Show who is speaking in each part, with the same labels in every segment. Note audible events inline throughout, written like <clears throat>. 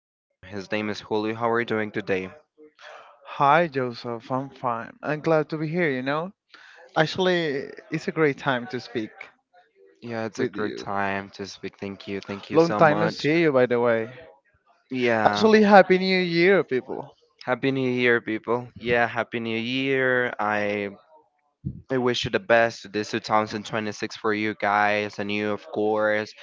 Speaker 1: His name is Julio. How are you doing today?
Speaker 2: Hi, Joseph. I'm fine. I'm glad to be here, you know? Actually, it's a great time to speak
Speaker 1: Yeah, it's a
Speaker 2: with
Speaker 1: great
Speaker 2: you.
Speaker 1: time to speak. Thank you. Thank you
Speaker 2: Long
Speaker 1: so
Speaker 2: time no
Speaker 1: much.
Speaker 2: see you, by the way.
Speaker 1: Yeah.
Speaker 2: Actually, Happy New Year, people.
Speaker 1: Happy New Year, people. Yeah, Happy New Year. I wish you the best. This 2026 for you guys and you, of course.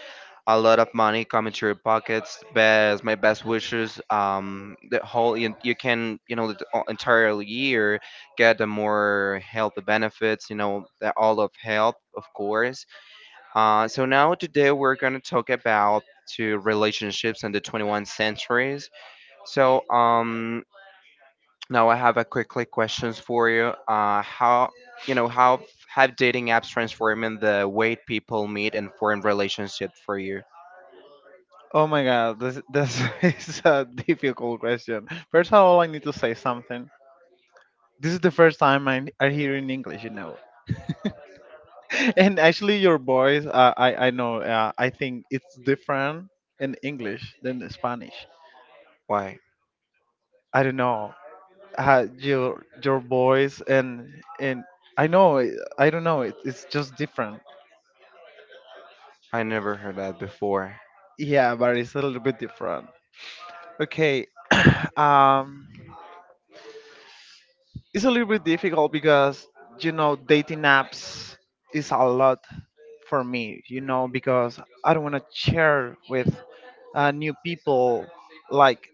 Speaker 1: A lot of money coming to your pockets. Best, my best wishes. The whole you can the entire year get the more health benefits. You know the, all of health, of course. So now today we're gonna talk about to relationships in the 21st centuries. So um, Now I have a quickly questions for you. How how have dating apps transforming the way people meet and form relationships for you?
Speaker 2: Oh my god, this <laughs> is a difficult question. First of all, I need to say something. This is the first time I'm hearing English, you know? <laughs> And actually, your voice, I know, I think it's different in English than in Spanish.
Speaker 1: Why?
Speaker 2: I don't know. Your voice and I know I don't know it's just different.
Speaker 1: I never heard that before.
Speaker 2: Yeah, but it's a little bit different. Okay, <clears throat> um, it's a little bit difficult because you know dating apps is a lot for me. You know, because I don't want to share with new people. Like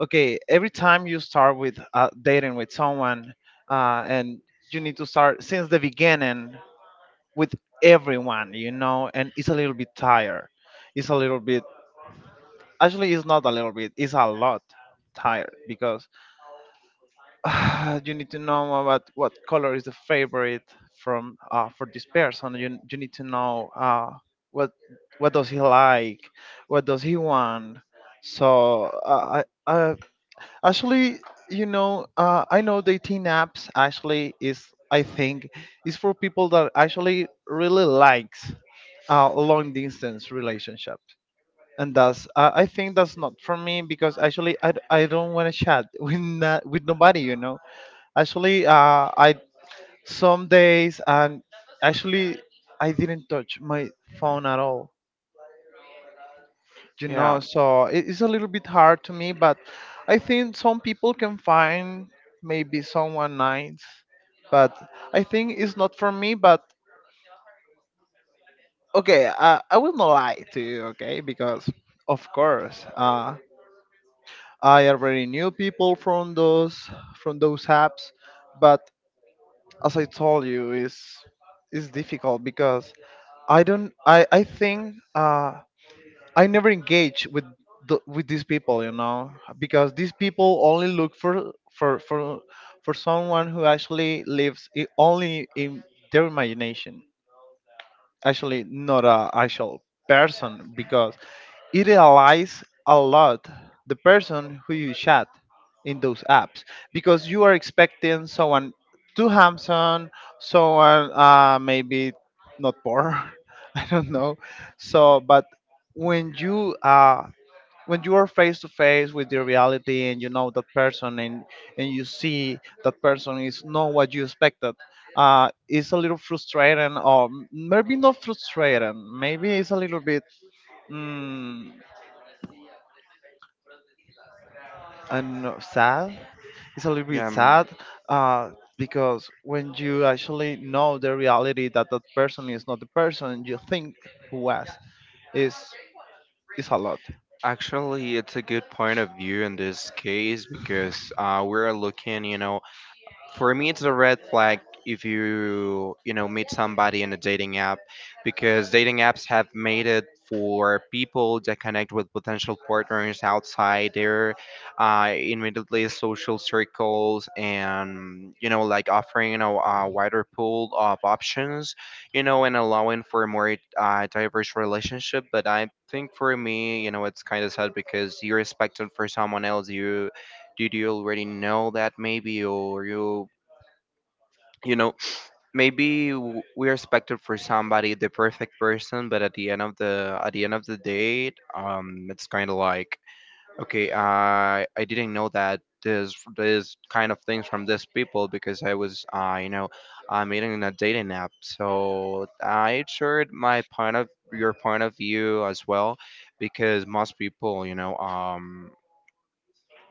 Speaker 2: okay, every time you start with dating with someone, and you need to start since the beginning with everyone, you know, and it's a little bit tired. It's a little bit, actually, it's not a little bit, it's a lot tired, because <sighs> you need to know about what color is the favorite from for this person. You need to know what what does he like, what does he want. So I actually, you know, I know dating apps actually I think, is for people that actually really likes long distance relationship. And that's, I think that's not for me because actually I don't want to chat <laughs> with with nobody, you know. Actually, I some days and actually I didn't touch my phone at all. You
Speaker 1: Yeah,
Speaker 2: know, so it's a little bit hard to me, but I think some people can find maybe someone nice, but I think it's not for me, but okay, I will not lie to you, okay, because of course, I already knew people from those apps, but as I told you, is difficult because I think I never engage with with these people, you know, because these people only look for someone who actually lives I only in their imagination, actually not a actual person, because it relies a lot the person who you chat in those apps, because you are expecting someone too handsome, someone maybe not poor, <laughs> I don't know. So, but when you uh, when you are face to face with the reality and you know that person and you see that person is not what you expected. Uh, it's a little frustrating, or maybe not frustrating, maybe it's a little bit, mm, I don't know, sad. It's a little bit
Speaker 1: yeah.
Speaker 2: sad. Uh, because when you actually know the reality that that person is not the person you think he was, is is a lot.
Speaker 1: Actually, it's a good point of view in this case because we're looking, you know, for me it's a red flag if you you know meet somebody in a dating app, because dating apps have made it for people that connect with potential partners outside their immediately social circles, and you know, like offering, you know, a wider pool of options, you know, and allowing for a more diverse relationship. But I think for me, you know, it's kind of sad because you are it for someone else. You did you already know that maybe, or you know, maybe we are expected for somebody, the perfect person. But at the end of the at the end of the date, it's kind of like okay, I didn't know that there's kind of things from these people because I was you know meeting in a dating app. So I shared my point of your point of view as well, because most people you know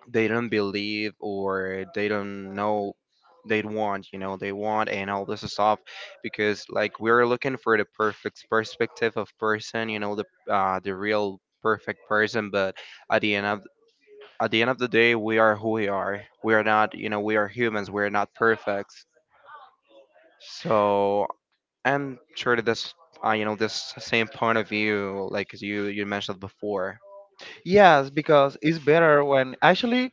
Speaker 1: they don't believe or they don't know they want you know they want and all this stuff, because like we're looking for the perfect perspective of person, you know, the real perfect person, but at the end of at the end of the day, we are who we are. We are not, you know, we are humans. We are not perfect. So I'm sure that this, you know, this same point of view, like as you mentioned before.
Speaker 2: Yes, because it's better when actually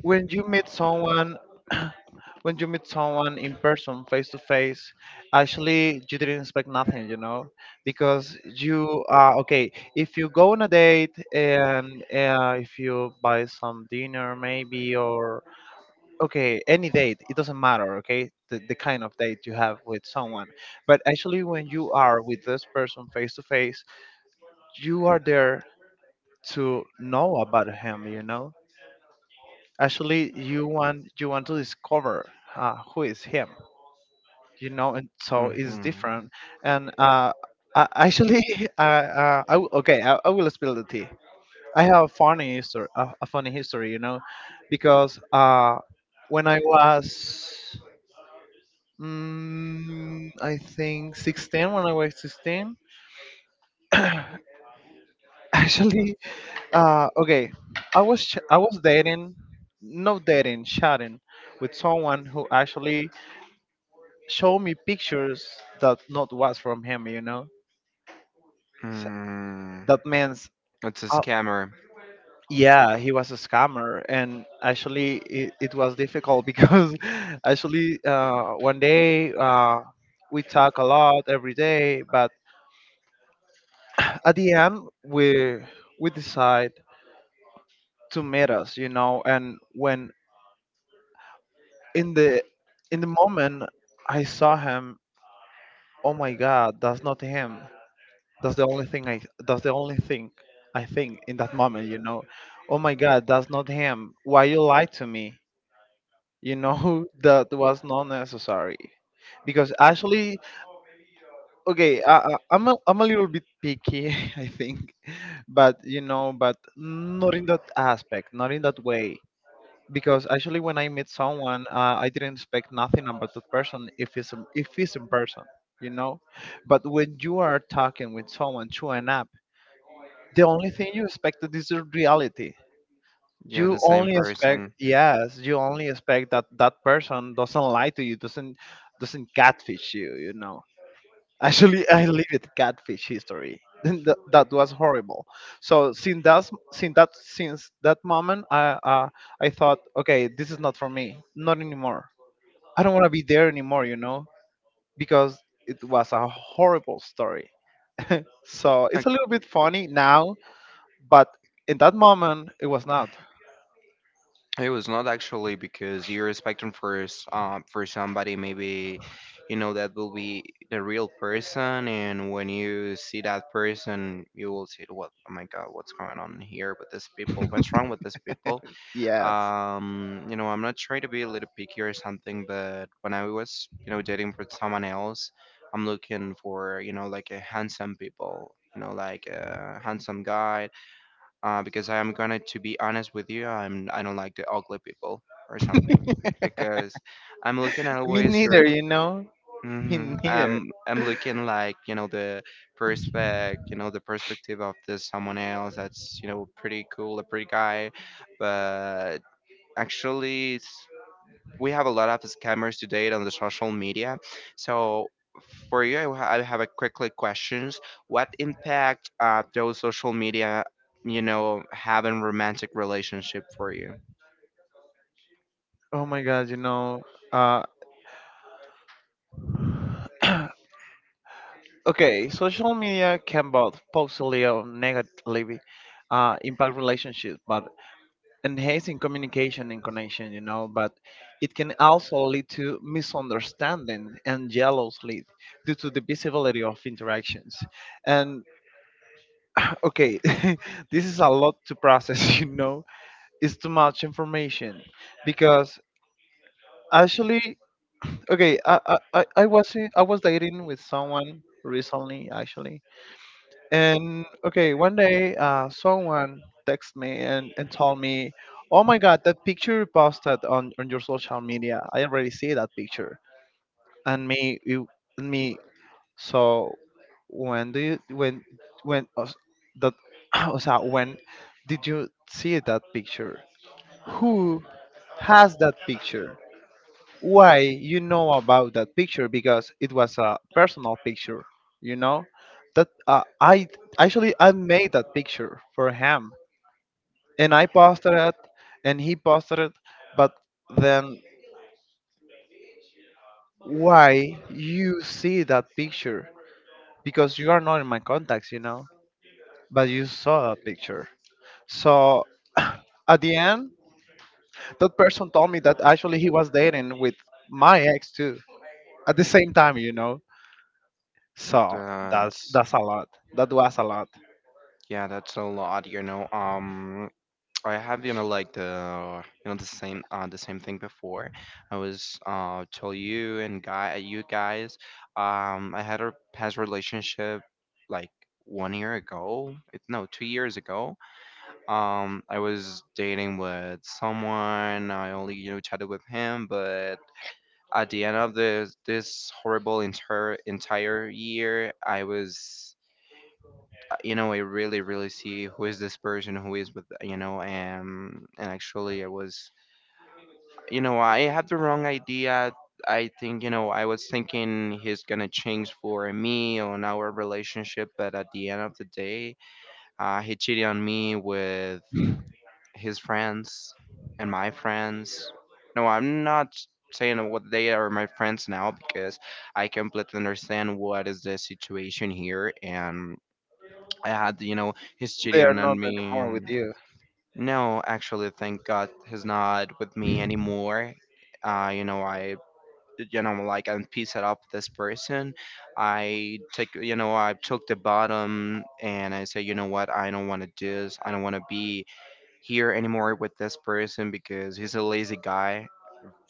Speaker 2: when you meet someone <clears throat> when you meet someone in person face to face, actually you didn't expect nothing, you know, because you okay, if you go on a date and if you buy some dinner maybe, or okay, any date, it doesn't matter, okay, the kind of date you have with someone, but actually when you are with this person face to face, you are there to know about him, you know. Actually, you want to discover who is him, you know, and so it's
Speaker 1: Mhm.
Speaker 2: different. And actually, <laughs> okay, I will spill the tea. I have a funny history, a funny history, you know, because when I was, I think 16, when I was 16, <coughs> actually, okay, I was dating, no dating, chatting with someone who actually show me pictures that not was from him, you know. S-
Speaker 1: Mm.
Speaker 2: that means
Speaker 1: It's a
Speaker 2: uh,
Speaker 1: scammer.
Speaker 2: yeah, he was a scammer, and actually it was difficult <laughs> because actually one day we talk a lot every day, but <clears throat> at the end we decide to meet us, you know, and when in the in the moment I saw him, oh my god, that's not him. That's the only thing I think in that moment, you know. Oh my god, that's not him, why you lied to me, you know? <laughs> That was not necessary, because actually, okay, I'm a little bit picky, <laughs> I think, but you know, but not in that aspect, not in that way, because actually when I meet someone, I didn't expect nothing about that person, if it's in person, you know. But when you are talking with someone through an app, the only thing you expected is the reality.
Speaker 1: Yeah,
Speaker 2: You
Speaker 1: the same
Speaker 2: only expect,
Speaker 1: person.
Speaker 2: yes, you only expect that that person doesn't lie to you, doesn't catfish you. You know, <laughs> actually, I lived catfish history. <laughs> That, that was horrible. So since that moment, I thought, okay, this is not for me, not anymore. I don't want to be there anymore. You know, because it was a horrible story. So it's a little
Speaker 1: Ac-
Speaker 2: bit funny now, but in that moment it was not.
Speaker 1: It was not actually, because you're expecting for for somebody maybe, you know, that will be the real person, and when you see that person you will say what, oh my god, what's going on here with these people, what's wrong with these people?
Speaker 2: Yes.
Speaker 1: Um, you know, I'm not trying to be a little picky or something, but when I was, you know, dating for someone else, I'm looking for, you know, like a handsome people, you know, like a handsome guy. Because I am gonna to be honest with you, I'm I don't like the ugly people or something <laughs> because I'm looking me
Speaker 2: <laughs> Me
Speaker 1: always
Speaker 2: neither,
Speaker 1: or
Speaker 2: you know? Me
Speaker 1: hmm
Speaker 2: neither.
Speaker 1: I'm looking like, you know, the perspective, you know, the perspective of this someone else that's, you know, pretty cool, a pretty guy, but actually we have a lot of scammers today on the social media. So for you, I I have a quickly questions. What impact those social media, you know, have in romantic relationship for you?
Speaker 2: Oh my god, you know, uh <clears throat> okay, social media can both positively or negatively impact relationships, but enhancing communication and connection, you know, but it can also lead to misunderstanding and jealousy due to the visibility of interactions. And <clears throat> okay, <laughs> this is a lot to process, <laughs> you know. It's too much information, because actually, okay, I was dating with someone recently actually, and okay, one day someone texted me and told me, "Oh my God, that picture you posted on your social media, I already see that picture." And me, you, and me. So when do you when that <clears throat> o sea, when did you see that picture? Who has that picture? Why you know about that picture? Because it was a personal picture, you know, that I actually I made that picture for him, and I posted it, and he posted it, but then, why you see that picture? Because you are not in my contacts, you know, but you saw that picture. So <coughs> <clears throat> at the end, that person told me that actually he was dating with my ex too at the same time, you know. So
Speaker 1: That's
Speaker 2: that's a lot. That was a lot.
Speaker 1: yeah, that's a lot. You know, I have you know like the you know the same thing before. I was tell you and guy you guys I had a past relationship like one year ago it, no 2 years ago I was dating with someone, I only you know chatted with him, but at the end of this horrible entire year I was you know I really really see who is this person who is with you know, and actually I was you know I had the wrong idea, I think, you know, I was thinking he's gonna change for me on our relationship, but at the end of the day, he cheated on me with his friends and my friends. No, I'm not saying what they are my friends now, because I completely understand what is the situation here, and I had, you know, his
Speaker 2: They
Speaker 1: cheating
Speaker 2: are
Speaker 1: on
Speaker 2: not
Speaker 1: me.
Speaker 2: anymore with you.
Speaker 1: No, actually, thank God he's not with me anymore. You know, I, you know, like I'm pieced up with this person. I take, you know, I took the bottom and I say, you know what, I don't want to do this. I don't want to be here anymore with this person because he's a lazy guy.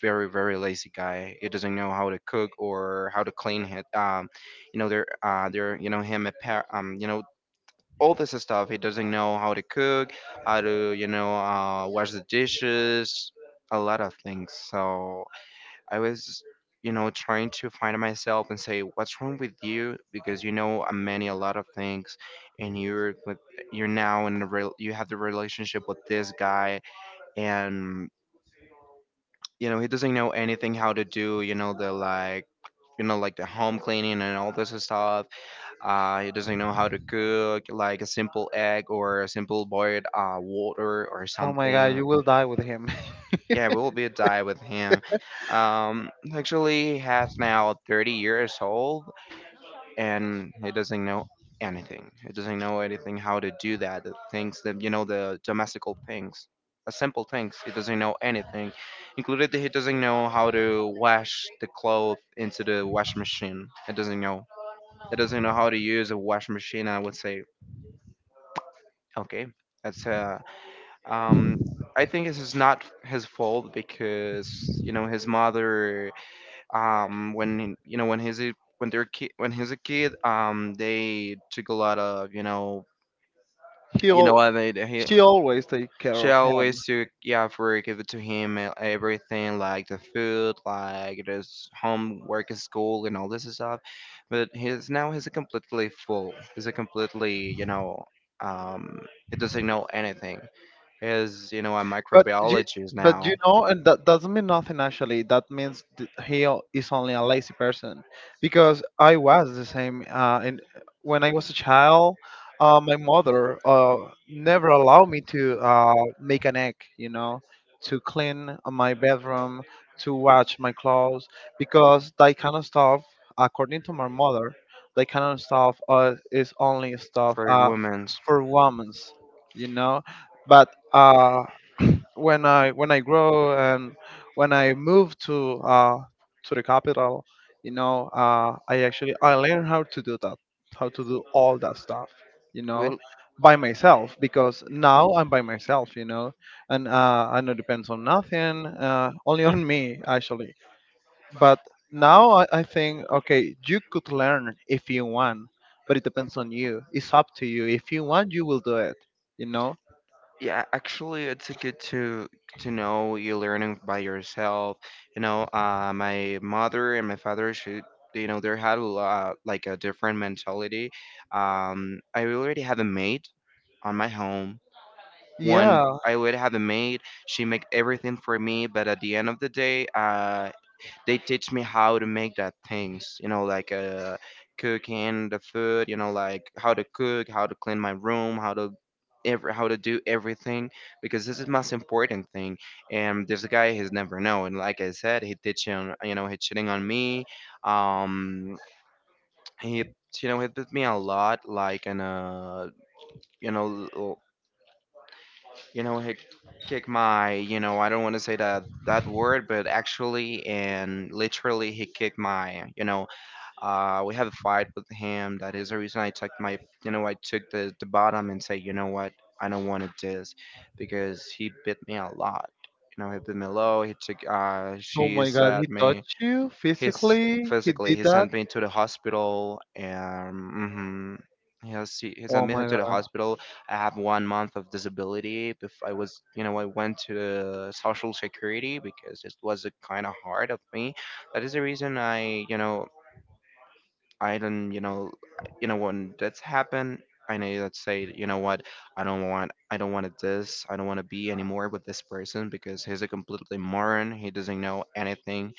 Speaker 1: Very, very lazy guy. He doesn't know how to cook or how to clean it. You know, they're, you know, him a pair, you know, all this stuff. He doesn't know how to cook, how to, you know, wash the dishes, a lot of things. So I was, you know, trying to find myself and say, what's wrong with you? Because you know, I'm many a lot of things, and you're with, you're now in the real, you have the relationship with this guy, and you know, he doesn't know anything how to do, you know, the like. You know, like the home cleaning and all this stuff. He doesn't know how to cook like a simple egg or a simple boiled water or
Speaker 2: Oh my god,
Speaker 1: something.
Speaker 2: you will die with him.
Speaker 1: Yeah, we'll be a dive with him. Actually, he has now 30 years old, and he doesn't know anything, he doesn't know anything how to do that, the things that you know the domestical things, the simple things, he doesn't know anything, included that he doesn't know how to wash the clothes into the wash machine, he doesn't know, he doesn't know how to use a wash machine, I would say. Okay, that's um, I think this is not his fault because you know his mother, when you know when he's when when he's a kid, they took a lot of you
Speaker 2: <laughs>
Speaker 1: know, you know
Speaker 2: He'll,
Speaker 1: what they he,
Speaker 2: she always take care
Speaker 1: she
Speaker 2: of him.
Speaker 1: always took yeah for give it to him and everything like the food, like his homework at school and all this stuff, but he's now he's a completely full, he's a completely you know um he doesn't know anything, is, you know, a
Speaker 2: But you,
Speaker 1: microbiologist
Speaker 2: but
Speaker 1: now.
Speaker 2: you know, and that doesn't mean nothing actually. That means is only a lazy person, because I was the same. When I was a child, my mother never allowed me to make an egg. You know, to clean my bedroom, to wash my clothes, because that kind of stuff, according to my mother, that kind of stuff is only stuff
Speaker 1: For women's.
Speaker 2: for women's. You know, but. When I grow and when I move to the capital, you know, I actually I learn how to do that, how to do all that stuff, you know,
Speaker 1: Well,
Speaker 2: by myself, because now I'm by myself, you know, and I know depends on nothing, only on me actually. But now I think okay, you could learn if you want, but it depends on you. It's up to you. If you want, you will do it, you know.
Speaker 1: yeah, actually, it's a good to know you learning by yourself. You know, my mother and my father should. You know, they had a lot, like a different mentality. I already have a maid on my home. One,
Speaker 2: Yeah.
Speaker 1: I already have a maid. She make everything for me, but at the end of the day, they teach me how to make that things, you know, like cooking the food, you know, like how to cook, how to clean my room, how to every how to do everything, because this is most important thing. And this guy has never known, like I said, he teaching you know he cheating on me. Um, he you know he beat me a lot like in a you know you know he kick my you know, I don't want to say that that word but actually and literally he kicked my you know we have a fight with him. That is the reason I took my, you know, I took the bottom and say, you know what, I don't want to this, because he bit me a lot. You know, he bit me low. He took,
Speaker 2: Oh
Speaker 1: she
Speaker 2: my god, he
Speaker 1: said me.
Speaker 2: touched you
Speaker 1: He's
Speaker 2: physically? He
Speaker 1: physically,
Speaker 2: did
Speaker 1: he
Speaker 2: that?
Speaker 1: sent me to the hospital, and hmm he has he
Speaker 2: Oh
Speaker 1: sent me
Speaker 2: my
Speaker 1: to the
Speaker 2: god.
Speaker 1: hospital. I have one month of disability. Before I was, you know, I went to the social security because it was a kind of hard of me. That is the reason I, you know. I don't, you know when that's happened. I know that say, you know what, I don't want this, I don't want to be anymore with this person because he's a completely moron. He doesn't know anything.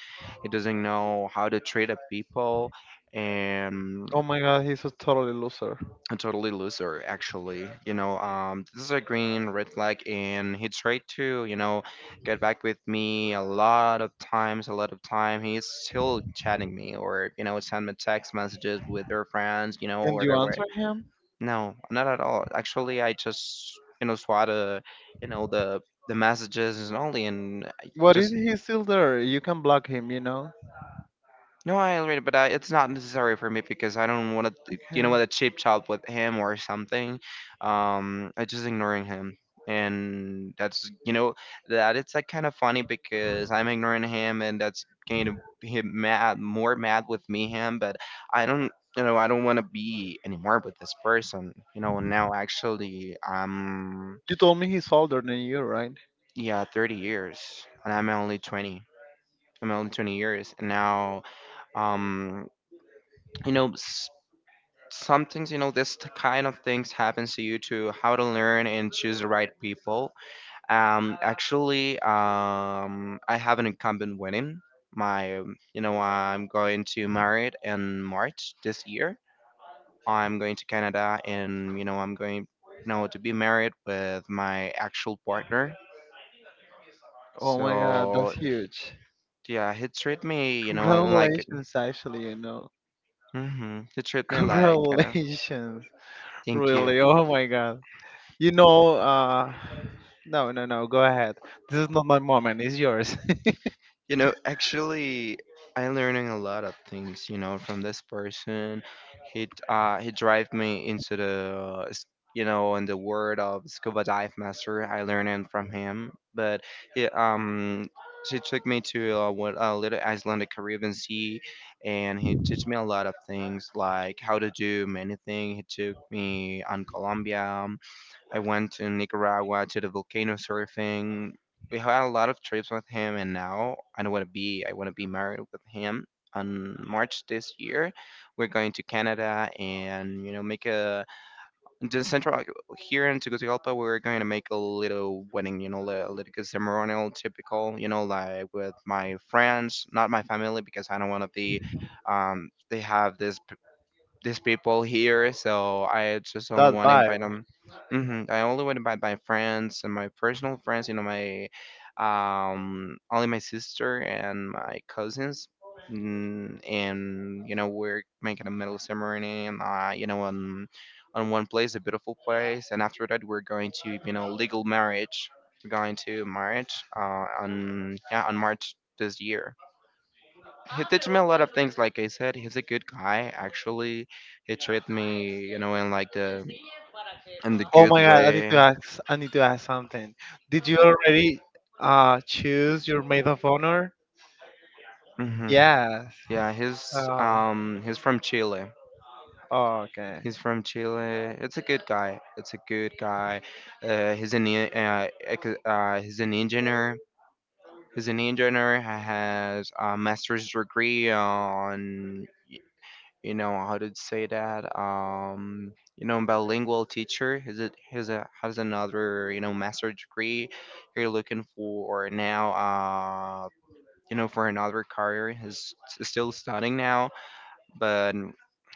Speaker 1: He doesn't know how to treat a people, and
Speaker 2: Oh my god, he's a totally loser.
Speaker 1: a totally loser actually, this is a green red flag, and he tried to, get back with me a lot of times. A lot of time he's still chatting me or, send me text messages with their friends,
Speaker 2: And
Speaker 1: or
Speaker 2: you
Speaker 1: their way.
Speaker 2: answer him?
Speaker 1: No, not at all actually. I just, swat the, you know the messages, and only and I
Speaker 2: What is
Speaker 1: just...
Speaker 2: he's still there? You can block him, you know?
Speaker 1: No, I agree, but I, it's not necessary for me because I don't want to,
Speaker 2: Okay.
Speaker 1: what a cheap chop with him or something. I just ignoring him, and that's, that it's like kind of funny because I'm ignoring him, and that's going to be him mad, more mad with me him. But I don't, I don't want to be anymore with this person. You know, and now actually,
Speaker 2: You told me he's older than you, right?
Speaker 1: yeah, 30 years, and I'm only 20. I'm only 20 years, and now, um, you know. some things, this kind of things happens to you to how to learn and choose the right people. Actually, I have an incumbent wedding. My I'm going to marry it in march this year. I'm going to canada, and I'm going, to be married with my actual partner.
Speaker 2: Oh my god, that's
Speaker 1: So
Speaker 2: huge.
Speaker 1: yeah, he treat me, like...
Speaker 2: Congratulations, actually, you know.
Speaker 1: Hmm, he treat
Speaker 2: <laughs>
Speaker 1: me like,
Speaker 2: Congratulations.
Speaker 1: thank you.
Speaker 2: Really, oh my god. You know, no, no, no, go ahead. This is not my moment, it's yours. <laughs>
Speaker 1: You know, actually, I'm learning a lot of things, you know, from this person. He drive me into in the world of scuba dive master. I learning from him, but he, she took me to, what a little Icelandic Caribbean sea, and he teach me a lot of things, like how to do many things. He took me on Colombia. I went to Nicaragua to the volcano surfing. We had a lot of trips with him, and now I know what to be. I want to be married with him. On March this year, we're going to Canada and, make a the central, like, here in Tegucigalpa. We're going to make a little wedding, you know, a little ceremonial, typical, you know, like with my friends, not my family, because I don't want to be. They have this, these people here, so I just only
Speaker 2: That
Speaker 1: want to
Speaker 2: bad.
Speaker 1: invite them. Hmm, I only want to invite my friends and my personal friends, you know, my, only my sister and my cousins. Mm, and you know, we're making a middle ceremony and, you know, on one place, a beautiful place, and after that we're going to, legal marriage. We're going to marriage, on yeah, on march this year. He teach me a lot of things. Like I said, he's a good guy. Actually, he treat me, you know, in like the in the
Speaker 2: Oh
Speaker 1: good
Speaker 2: my God, I need
Speaker 1: way.
Speaker 2: to ask. I need to ask something. Did you already choose your maid of honor?
Speaker 1: Hmm.
Speaker 2: Yes.
Speaker 1: Yeah, he's,
Speaker 2: Oh,
Speaker 1: he's from Chile.
Speaker 2: oh, okay.
Speaker 1: He's from Chile. It's a good guy. It's a good guy. He's he's an engineer. He's an engineer. He has a master's degree on, how to say that, you know, bilingual teacher. Is it has a, has another, you know, master degree you're looking for now. You know, for another career he's still studying now, but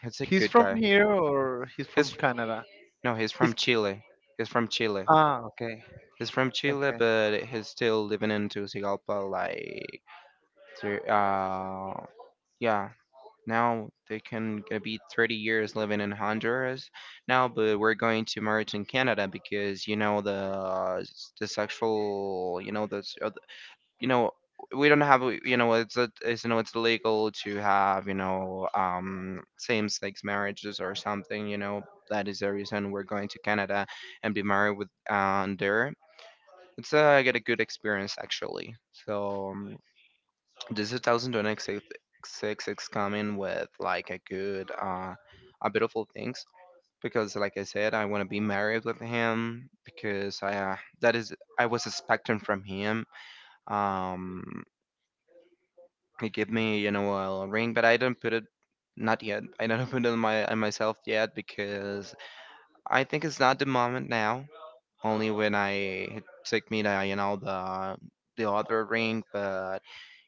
Speaker 1: he's a
Speaker 2: He's
Speaker 1: good
Speaker 2: from
Speaker 1: guy.
Speaker 2: here or he's from
Speaker 1: He's...
Speaker 2: Canada?
Speaker 1: no, he's from
Speaker 2: He's Ch-
Speaker 1: chile. He's from chile.
Speaker 2: ah, okay.
Speaker 1: He's from chile
Speaker 2: Okay.
Speaker 1: but he's still living in tegucigalpa, like... to- uh yeah. Now they can gonna be 30 years living in Honduras now, but we're going to merge in Canada because, you know, the sexual, you know, the, you know, we don't have, you know, it's a, it's, you know, it's illegal to have, you know, same sex marriages or something, you know. That is the reason we're going to Canada and be married with, there. It's, I get a good experience actually. So, this 2026 coming with like a good, a beautiful things, because, like I said, I want to be married with him because I, that is I was expecting from him. Um, he gave me, you know, a ring, but I didn't put it. Not yet. I don't <laughs> put it on my on myself yet because I think it's not the moment now. Only when I take me to, you know, the other ring, but...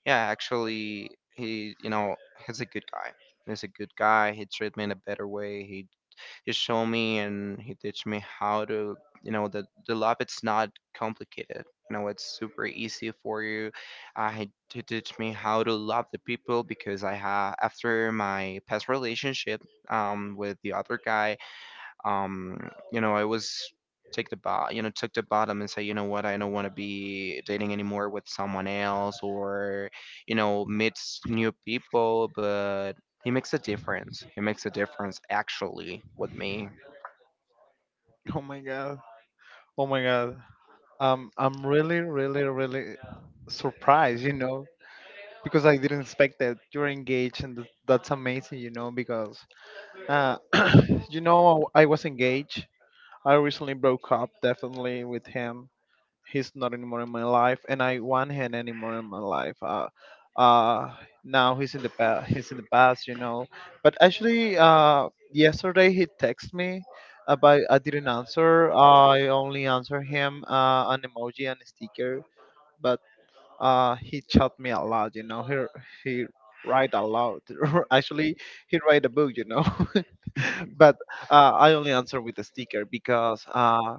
Speaker 1: Yeah, actually, he, you know, he's a good guy. He's a good guy. He treated me in a better way. He showed me and he teach me how to, you know, the love. It's not complicated. You know, it's super easy for you. He teach me how to love the people because I have after my past relationship, with the other guy, um you know, I was take the bot, you know, took the bottom and say, you know what, I don't want to be dating anymore with someone else or, you know, meets new people. But he makes a difference. He makes a difference actually with me.
Speaker 2: Oh my God. Oh my God. I'm really, really, really surprised. You know, because I didn't expect that you're engaged, and that's amazing, you know, because uh, <clears throat> you know I was engaged. I recently broke up, definitely with him. He's not anymore in my life, and I want him anymore in my life. Uh, now he's in the past. He's in the past, you know. But actually, yesterday he texted me, but I didn't answer. I only answered him an emoji and a sticker. But he taught me a lot, you know. He write a lot <laughs> actually. He write a book, you know. <laughs> But I only answer with a sticker because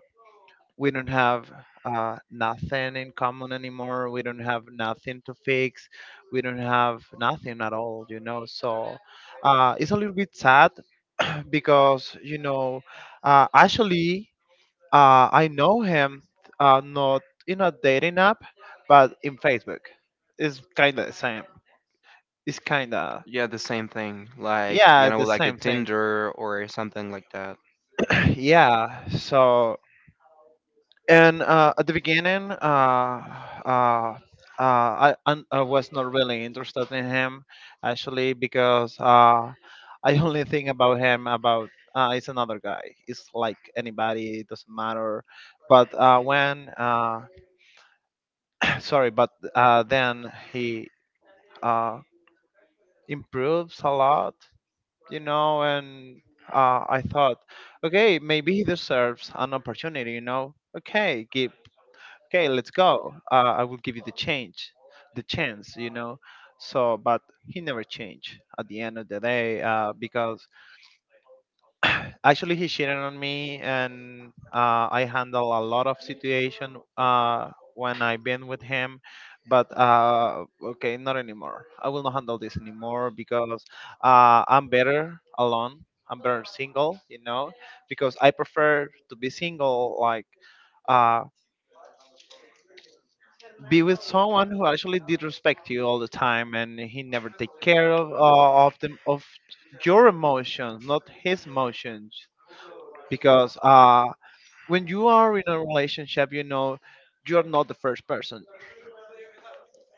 Speaker 2: we don't have nothing in common anymore. We don't have nothing to fix, we don't have nothing at all, you know. So it's a little bit sad because, you know, actually, I know him, not in a dating app, but in Facebook. It's kind of the same. It's kind of,
Speaker 1: Yeah, the same thing, like, you
Speaker 2: yeah,
Speaker 1: know,
Speaker 2: the
Speaker 1: like a
Speaker 2: same thing.
Speaker 1: tinder or something like that.
Speaker 2: <clears throat> Yeah, so, and at the beginning, uh, I was not really interested in him, actually, because I only think about him about, it's another guy. It's like anybody, it doesn't matter. But uh, when, uh, <clears throat> sorry, but then he uh, improves a lot, you know. And I thought, okay, maybe he deserves an opportunity, you know. Okay, let's go. I will give you the change, the chance, you know. So, but he never changed at the end of the day because <sighs> <clears throat> actually, he cheated on me, and I handle a lot of situation when I been with him. But okay, not anymore. I will not handle this anymore because I'm better alone. I'm better single, you know, because I prefer to be single. Like uh, be with someone who actually did respect you all the time, and he never take care of them of your emotions, not his emotions, because when you are in a relationship, you know, you're not the first person.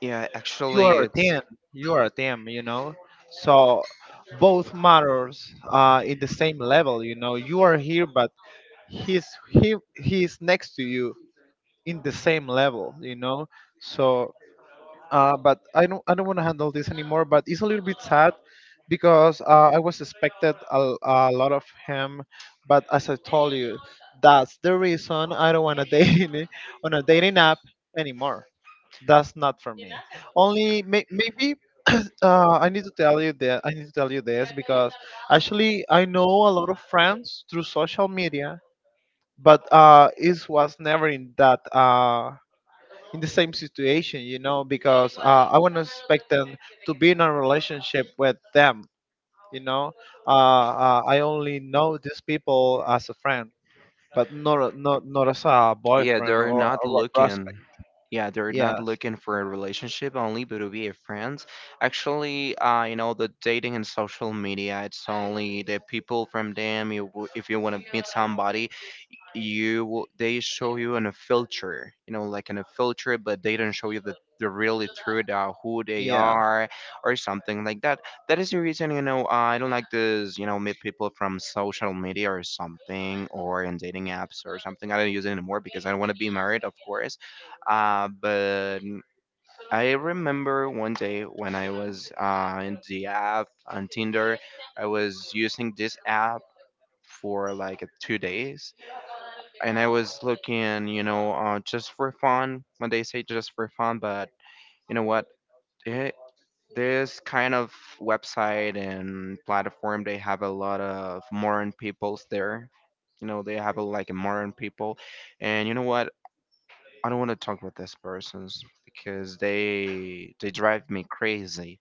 Speaker 1: Yeah,
Speaker 2: You
Speaker 1: actually,
Speaker 2: are a
Speaker 1: it's...
Speaker 2: team. You are a team, you know. So both matters in the same level. You know, you are here, but he's next to you in the same level, you know. So. But I don't want to handle this anymore. But it's a little bit sad because I was expected a lot of him, but as I told you, that's the reason I don't want to date <laughs> on a dating app anymore. That's not for me. Only maybe <clears throat> I need to tell you that I need to tell you this because actually I know a lot of friends through social media, but it was never in that. In the same situation, you know, because I wouldn't expect them to be in a relationship with them, you know. I only know these people as a friend, but not as a
Speaker 1: Yeah,
Speaker 2: boyfriend,
Speaker 1: they're not
Speaker 2: or a
Speaker 1: looking.
Speaker 2: prospect.
Speaker 1: Yeah, they're not
Speaker 2: Yes,
Speaker 1: looking for a relationship only, but to be a friends. Actually, you know, the dating and social media, it's only the people from them. You, if you want to meet somebody, you will- they show you in a filter, you know, like in a filter, but they don't show you the really truth, who they
Speaker 2: yeah.
Speaker 1: are, or something like that. That is the reason, you know, I don't like this, you know, meet people from social media or something, or in dating apps or something. I don't use it anymore because I don't want to be married, of course. But I remember one day when I was, in the app on Tinder. I was using this app for like 2 days, and I was looking, you know, just for fun. When they say just for fun, but you know what? It, this kind of website and platform, they have a lot of modern peoples there. You know, they have a, like a modern people, and you know what? I don't want to talk about these persons because they drive me crazy,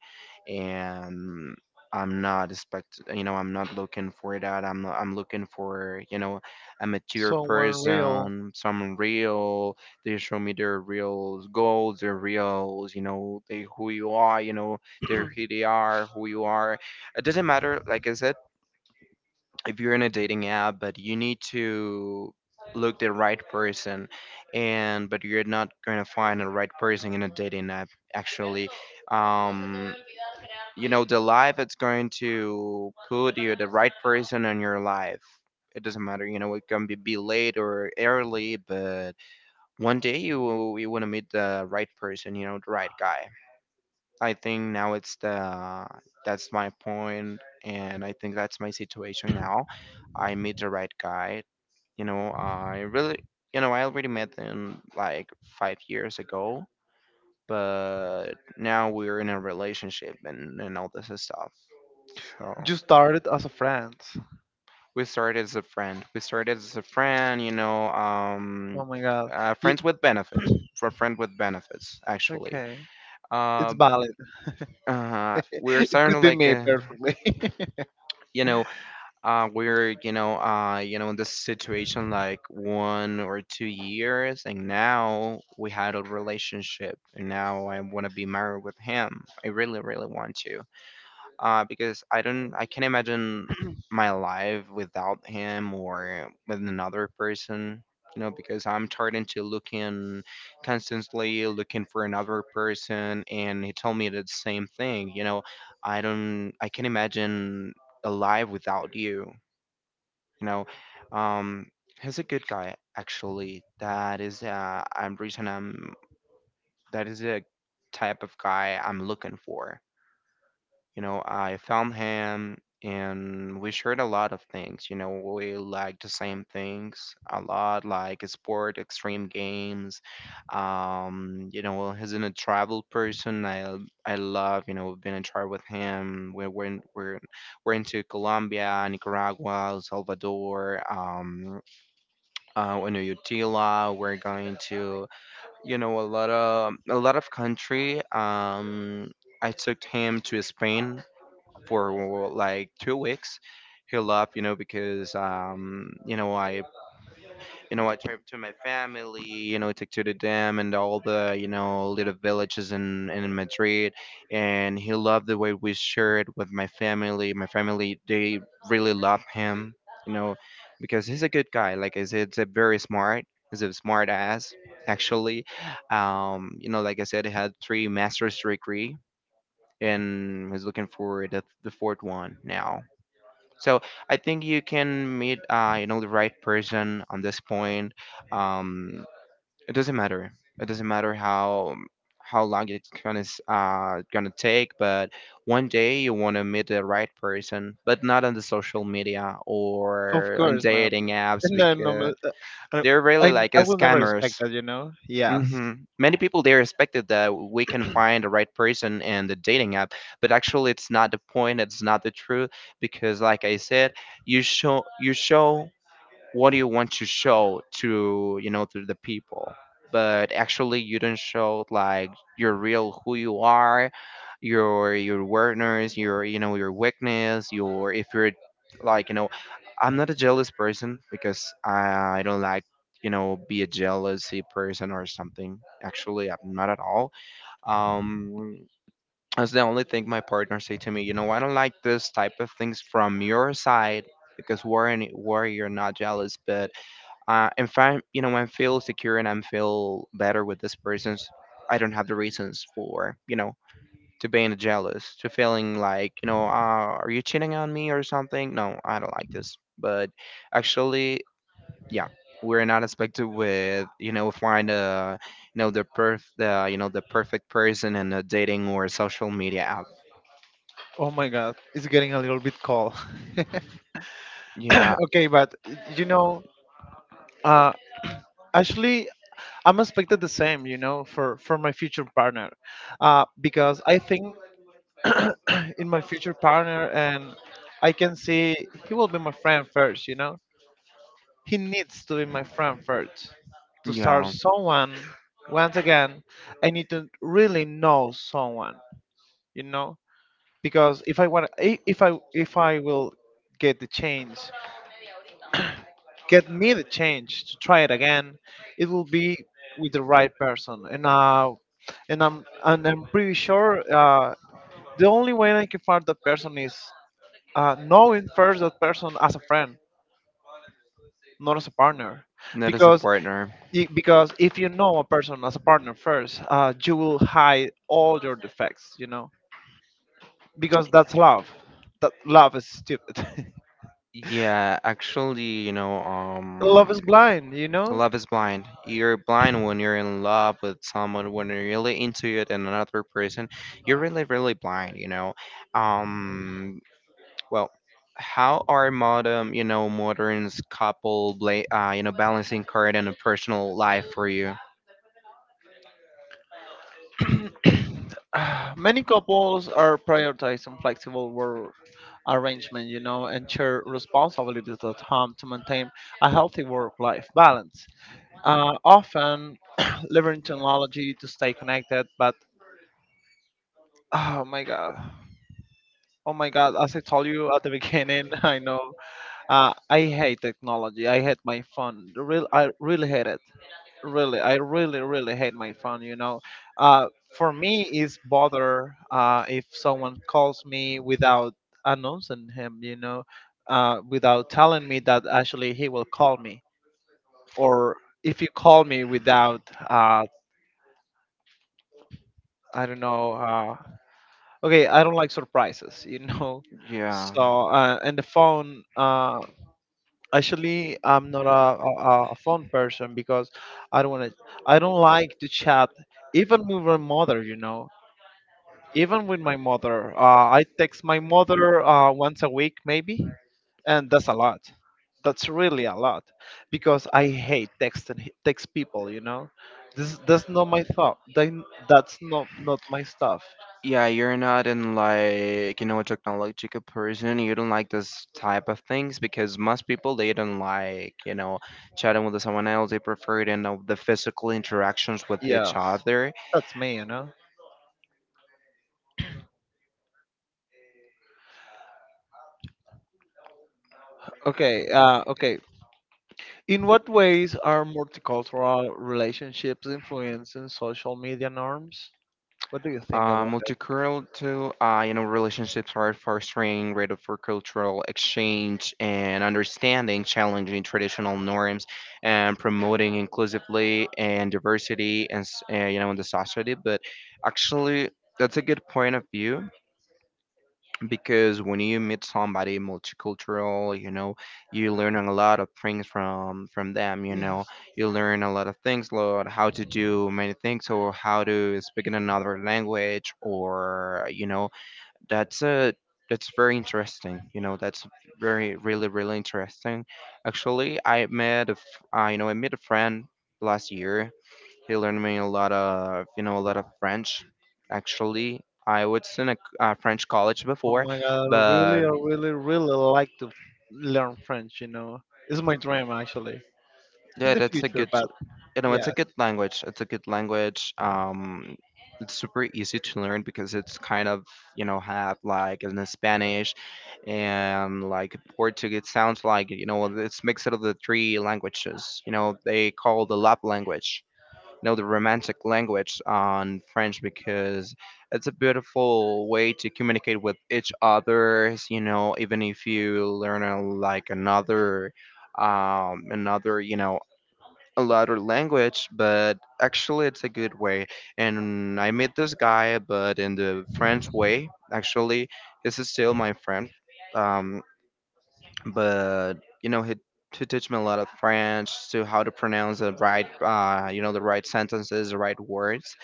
Speaker 1: and I'm not expect, you know, I'm not looking for that. I'm looking for, you know, a mature
Speaker 2: So unreal.
Speaker 1: person, someone real. They show me their real goals, their real, you know, they who you are, you know, they're who they are, who you are. It doesn't matter. Like I said, if you're in a dating app, but you need to look the right person, and but you're not going to find the right person in a dating app, actually. um you know, the life it's going to put you the right person in your life. It doesn't matter, you know, it can be late or early, but one day you want to meet the right person, you know, the right guy. I think now it's the... that's my point, and I think that's my situation now. I meet the right guy. You know, I really, you know, I already met him like 5 years ago, but now we're in a relationship and all this stuff. So
Speaker 2: You started as a friend.
Speaker 1: we started as a friend. We started as a friend, you know,
Speaker 2: Oh my god. Ye-
Speaker 1: friends with benefits, for friend with benefits, actually.
Speaker 2: okay. It's
Speaker 1: Uh,
Speaker 2: valid. <laughs>
Speaker 1: we're
Speaker 2: It
Speaker 1: starting
Speaker 2: could
Speaker 1: to
Speaker 2: be
Speaker 1: like,
Speaker 2: me personally. <laughs>
Speaker 1: you know, we're, you know, you know, in this situation like 1 or 2 years, and now we had a relationship, and now I want to be married with him. I really really want to, because I don't, I can't imagine my life without him or with another person. You know, because I'm tired into looking, constantly looking for another person, and he told me the same thing. You know, I don't, I can't imagine a life without you. You know, um, he's a good guy actually. That is, I'm reason I'm, that is a type of guy I'm looking for. You know, I found him, and we shared a lot of things. You know, we liked the same things a lot, like sport, extreme games. You know, well, he's in a travel person. I love, you know, being in travel with him. We're into Colombia, Nicaragua, El Salvador, Venezuela. We're going to, you know, a lot of country. I took him to spain for like 2 weeks. He left, you know, because, you know, I, you know, I tried to my family, you know, took to the dam and all the, you know, little villages in Madrid, and he loved the way we shared with my family. My family, they really love him, you know, because he's a good guy. Like I said, it's a very smart, he's a smart ass actually. You know, like I said, he had three master's degree, and he's looking for the fourth one now. So I think you can meet, you know, the right person on this point. Um, it doesn't matter. It doesn't matter how long it's gonna gonna take, but one day you want to meet the right person, but not on the social media
Speaker 2: Of
Speaker 1: or on
Speaker 2: course not.
Speaker 1: dating apps
Speaker 2: And I, no,
Speaker 1: because
Speaker 2: I,
Speaker 1: they're
Speaker 2: I
Speaker 1: really like
Speaker 2: I will never expect
Speaker 1: scammers.
Speaker 2: that, you know? Yes.
Speaker 1: hmm Many people there expected that we can find the right person in the dating app, but actually, it's not the point. It's not the truth because, like I said, you show what do you want to show to to the people, but actually you don't show like your real who you are, your awareness, your your weakness, your if you're like, you know, I'm not a jealous person because I don't like, you know, be a jealousy person or something. Actually, I'm not at all. um that's the only thing my partner say to me, you know, I don't like this type of things from your side because we're in, where you're not jealous. But and find, you know, I feel secure and I feel better with this person. I don't have the reasons for, you know, to being jealous, to feeling like, you know, are you cheating on me or something? No, I don't like this. But actually, yeah, we're not expected with, you know, find a, you know, the perf the you know the perfect person in a dating or social media app.
Speaker 2: Oh my god. It's getting a little bit cold.
Speaker 1: Yeah,
Speaker 2: <coughs> Okay, but you know, uh, actually, I'm expected the same, you know, for my future partner, because I think <clears throat> in my future partner, and I can see he will be my friend first, you know? He needs to be my friend first. To start
Speaker 1: yeah,
Speaker 2: someone, once again, I need to really know someone, you know? Because if I want I- if I if I will get the change, get me the change to try it again, it will be with the right person. And I'm pretty sure, the only way I can find that person is, knowing first that person as a friend, not as a partner,
Speaker 1: that is a
Speaker 2: because
Speaker 1: partner.
Speaker 2: because if you know a person as a partner first, you will hide all your defects, you know, because that's love. That love is stupid. <laughs>
Speaker 1: Yeah, actually, you know,
Speaker 2: Love is blind, you know.
Speaker 1: love is blind. You're blind when you're in love with someone, when you're really into it and another person. You're really, really blind, you know. Um, well, how are modern, you know, modern's couple, you know, balancing career and a personal life for you?
Speaker 2: <sighs> Many couples are prioritizing flexible work arrangement, you know, and share responsibilities at home to maintain a healthy work-life balance. Often <clears throat> leveraging technology to stay connected. But oh my god, oh my god! As I told you at the beginning, <laughs> I know, I hate technology. I hate my phone. Real, I really hate it. Really, I really, really hate my phone. You know, for me, it's bother if someone calls me without announcing him. You know, without telling me that actually he will call me, or if you call me without uh, I don't know, okay, I don't like surprises <laughs> you know.
Speaker 1: Yeah.
Speaker 2: So and the phone, actually i'm not a phone person because i don't want to I don't like to chat even with my mother, you know. Even with my mother, I text my mother once a week maybe, and that's a lot. That's really a lot, because I hate text people, you know. This That's not my thought. Then that's not my stuff.
Speaker 1: Yeah, you're not in like, you know, a technological person. You don't like this type of things because most people they don't like, you know, chatting with someone else. They prefer, you know, the physical interactions with each
Speaker 2: Yeah,
Speaker 1: other.
Speaker 2: that's me, you know. Okay, okay. In what ways are multicultural relationships influencing social media norms? What do you think about it?
Speaker 1: Multicultural, you know, relationships are fostering greater for cultural exchange and understanding, challenging traditional norms, and promoting inclusively and diversity and you know, in the society. But actually, that's a good point of view because when you meet somebody multicultural, you know, you learn a lot of things from them, you know,
Speaker 2: Yes.
Speaker 1: you learn a lot of things Lord, how to do many things or how to speak in another language, or you know, that's a, that's very interesting, you know, that's very really really interesting. Actually, I you know, I met a friend last year. He learned me a lot of, you know, a lot of French. Actually, I was in a, a French college
Speaker 2: Oh
Speaker 1: before,
Speaker 2: my god,
Speaker 1: but
Speaker 2: I really, really like to learn French, you know. It's my dream actually. In
Speaker 1: yeah,
Speaker 2: the
Speaker 1: that's a
Speaker 2: future,
Speaker 1: good,
Speaker 2: but
Speaker 1: you know, it's a
Speaker 2: yes.
Speaker 1: good language, it's a good language. It's super easy to learn because it's kind of, you know, have like in Spanish and like Portuguese sounds, like, you know, it's mixed of the three languages, you know, they call the love language, you know, the romantic language on French, because it's a beautiful way to communicate with each others. You know, even if you learn like another another you know, a lot of language, but actually it's a good way. And I met this guy, but in the French way. Actually, this is still my friend. Um, but you know, he teach me a lot of French to how to pronounce the right, you know, the right sentences, the right words.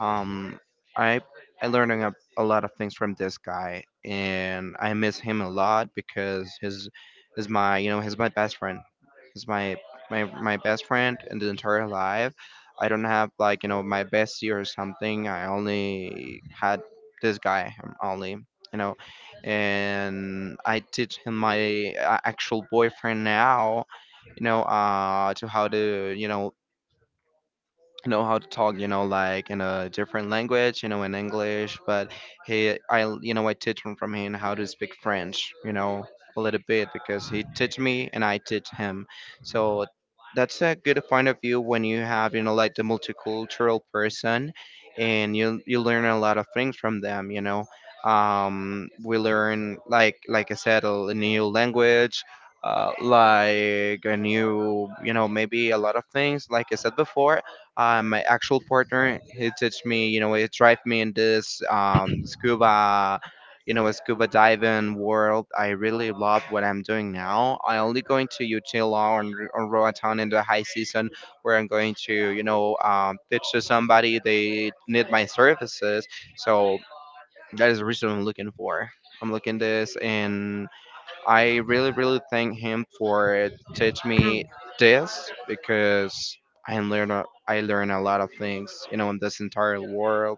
Speaker 1: Um, I I learned a lot of things from this guy, and I miss him a lot because his is my, you know, he's my best friend. He's my best friend in the entire life. I don't have like, you know, my bestie or something. I only had this guy, only, you know, and I teach him my actual boyfriend now. You know, to how to, you know how to talk, you know, like in a different language, you know, in English. But he I you know, I teach him from him how to speak French, you know, a little bit because he teach me and I teach him. So that's a good point of view when you have, you know, like the multicultural person, and you learn a lot of things from them, you know. We learn like I said, a new language, like a new, you know, maybe a lot of things. Like I said before, my actual partner, he teach me, you know, he drive me in this scuba, you know, scuba diving world. I really love what I'm doing now. I only going to Utila and or Roatan in the high season where I'm going to, you know, pitch to somebody. They need my services. So that is the reason I'm looking for. I'm looking this, and I really, really thank him for teach me this because I learn a lot of things, you know, in this entire world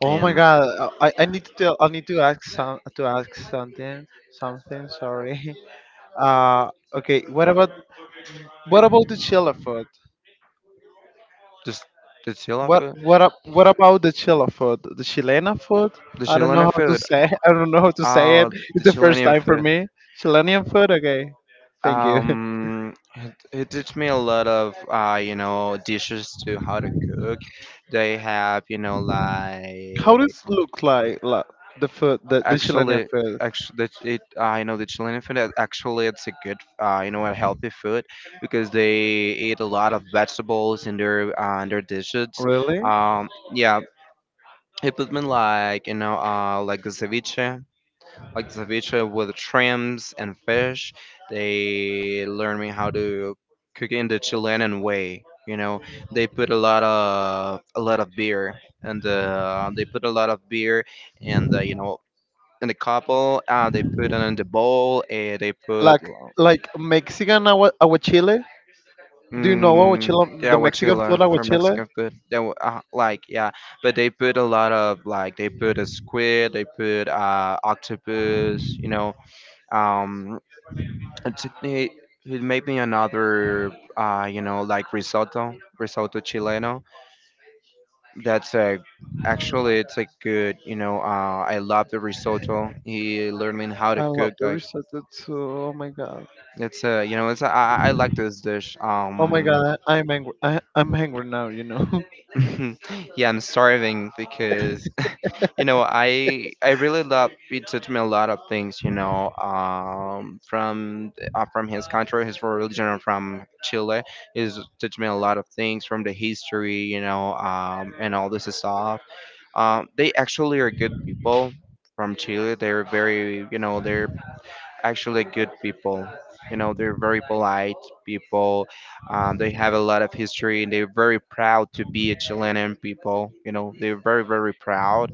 Speaker 2: Oh my
Speaker 1: and
Speaker 2: god, I need to tell, I need to ask some to ask something, sorry. <laughs> Uh okay, what about the Chile food?
Speaker 1: the, the Chilean food?
Speaker 2: What about the Chile food? The Chilena food?
Speaker 1: The
Speaker 2: I don't know
Speaker 1: Chilean
Speaker 2: how to
Speaker 1: food.
Speaker 2: say. <laughs> I don't know how to say it.
Speaker 1: Oh, the
Speaker 2: It's the first
Speaker 1: Chilean
Speaker 2: time for
Speaker 1: food.
Speaker 2: me. Chilean food. Okay, thank you. <laughs>
Speaker 1: It teach me a lot of, you know, dishes to how to cook. They have, you know,
Speaker 2: How
Speaker 1: like,
Speaker 2: does look like the food? The Chilean
Speaker 1: actually,
Speaker 2: food.
Speaker 1: actually, I know the Chilean food. Actually, it's a good, you know, a healthy food because they eat a lot of vegetables in their, in their dishes.
Speaker 2: Really?
Speaker 1: Yeah, it put me like, you know, like the ceviche, like the ceviche with shrimps and fish. They learned me how to cook it in the Chilean way. You know, they put a lot of beer, and they put a lot of beer, and you know, in the couple, they put it in the bowl, and they put,
Speaker 2: Like like Mexican agua, aguachile? Do you know
Speaker 1: mm,
Speaker 2: aguachile? The
Speaker 1: yeah,
Speaker 2: Mexican food
Speaker 1: guachila for
Speaker 2: aguachile?
Speaker 1: Mexican food. They like, yeah, but they put a lot of like, they put a squid, they put octopus, you know, um it took me. It made me another, you know, like risotto, risotto chileno. That's a, actually, it's a good, you know, I love the risotto. He learned me how to
Speaker 2: I love
Speaker 1: cook.
Speaker 2: the
Speaker 1: Like,
Speaker 2: risotto too. Oh my god.
Speaker 1: it's a, you know, it's a, I I like this dish.
Speaker 2: Oh my god. I'm angry. I'm angry now. You know.
Speaker 1: <laughs> Yeah, I'm starving because you know, I really love. It taught me a lot of things. You know, from his country, his religion, and from Chile, is taught me a lot of things from the history. You know, and all this stuff. They actually are good people from Chile. They're very, you know, they're actually good people. You know, they're very polite people. They have a lot of history, and they're very proud to be a Chilean people. You know, they're very very proud.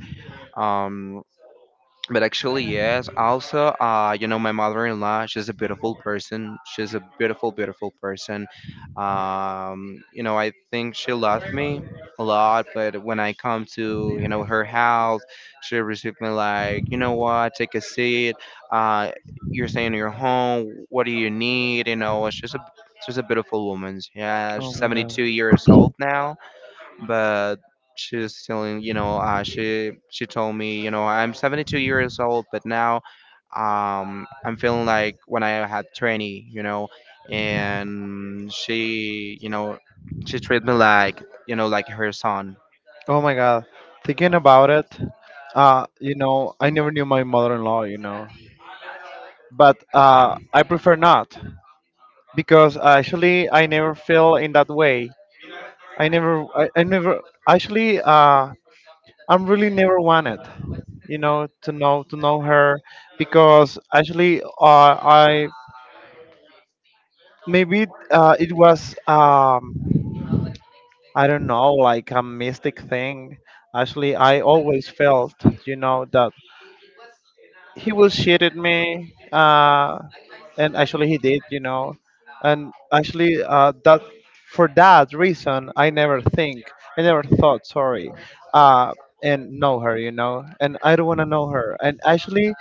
Speaker 1: Um, but actually, yes. Also, you know, my mother-in-law, she's a beautiful person. She's a beautiful, beautiful
Speaker 2: <laughs>
Speaker 1: person. You know, I think she loved me a lot, but when I come to, you know, her house, she received me like, you know what, take a seat. Uh, you're staying in your home. What do you need? You know, she's a beautiful woman. Yeah, she's
Speaker 2: Oh my god.
Speaker 1: 72 years old now, but she's telling, you know, she told me, you know, I'm 72 years old, but now, I'm feeling like when I had 20, you know. And she, you know, she treated me like, you know, like her son.
Speaker 2: Oh my god. Thinking about it, you know, I never knew my mother-in-law, you know, but I prefer not, because actually I never feel in that way. I never actually. I'm really never wanted, you know, to know, to know her, because actually I maybe it was, I don't know, like a mystic thing. Actually, I always felt, you know, that he will shit at me, and actually he did, you know. And actually that for that reason I never thought, sorry, uh and know her, you know, and I don't want to know her. And actually,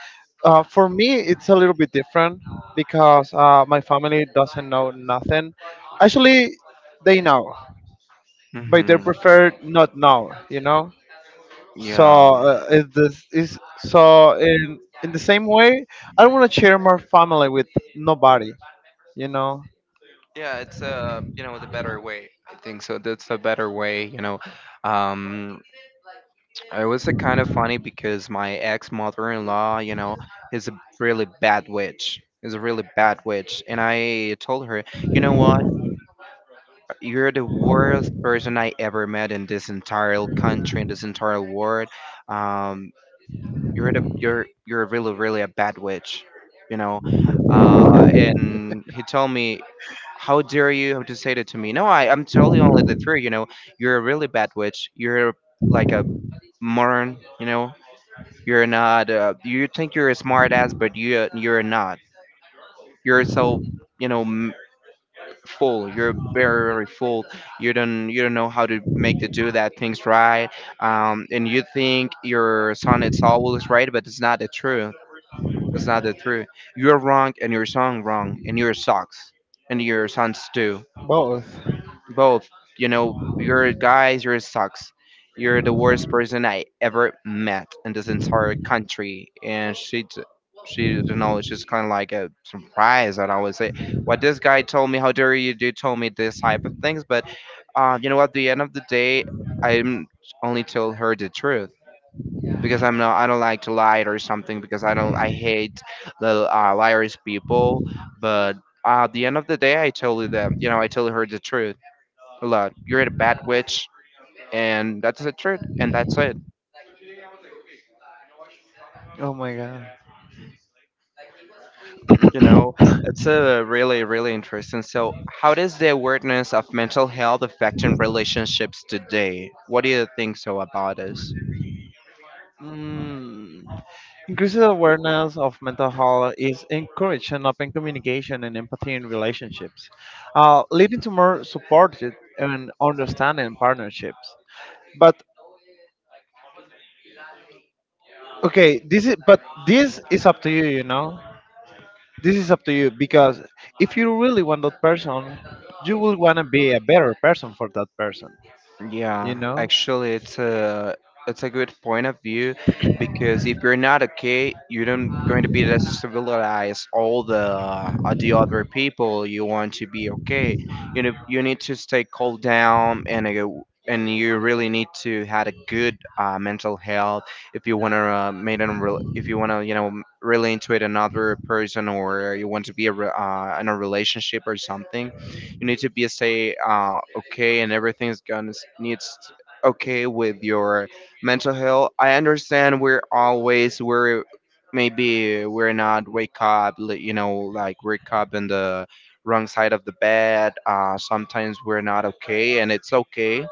Speaker 2: for me it's a little bit different, because my family doesn't know nothing, actually. They know, but they
Speaker 1: hmm
Speaker 2: prefer not know, you know. So
Speaker 1: yeah.
Speaker 2: is this is so in the same way? I don't want to share my family with nobody. You know.
Speaker 1: Yeah, it's you know, the better way. I think so. That's a better way. You know, um, it was kind of funny because my ex mother in law, you know, is a really bad witch. Is a really bad witch. And I told her, you know what? You're the worst person I ever met in this entire country, in this entire world. Um, you're the you're really really a bad witch, you know. And he told me, how dare you to say that to me? No, I'm totally only the truth, you know. You're a really bad witch. You're like a moron, you know. You're not. You think you're a smart ass, but you're not. You're so, you know, full. You're very very full. You don't know how to make the do that things right. And you think your son it's always right, but it's not the truth. It's not the truth. You're wrong, and your song wrong, and your socks, and your sons too.
Speaker 2: Both.
Speaker 1: Both. You know, you're guys, you're sucks. You're the worst person I ever met in this entire country. And she, you know, it's just kind of like a surprise. And I would say, what this guy told me, how dare you do told me this type of things. But, you know, at the end of the day, I'm only told her the truth because I'm not, I don't like to lie or something because I don't, I hate the liars people. But at the end of the day, I told her that, you know, I told her the truth a lot. You're a bad witch, and that's the truth, and that's it.
Speaker 2: Oh my god.
Speaker 1: You know,
Speaker 2: <coughs>
Speaker 1: it's a really, really interesting. So, how does the awareness of mental health affecting relationships today? What do you think so about it?
Speaker 2: Mm. Increasing awareness of mental health is encouraging open communication and empathy in relationships, leading to more supported and understanding partnerships. But okay, this is up to you, you know. This is up to you because if you really want that person, you will want to be a better person for that person. You
Speaker 1: Yeah,
Speaker 2: know,
Speaker 1: actually, it's a good point of view because if you're not okay, you don't going to be able to civilize all the other people you want to be okay. You know, you need to stay cool down and you really need to had a good mental health if you want to made an rel if you want to, you know, relate to it another person or you want to be a in a relationship or something. You need to be stay okay, and everything's gonna s- needs okay with your mental health. I understand we're always we're maybe we're not wake up you know, like wake up in the wrong side of the bed. Uh, sometimes we're not okay, and it's okay,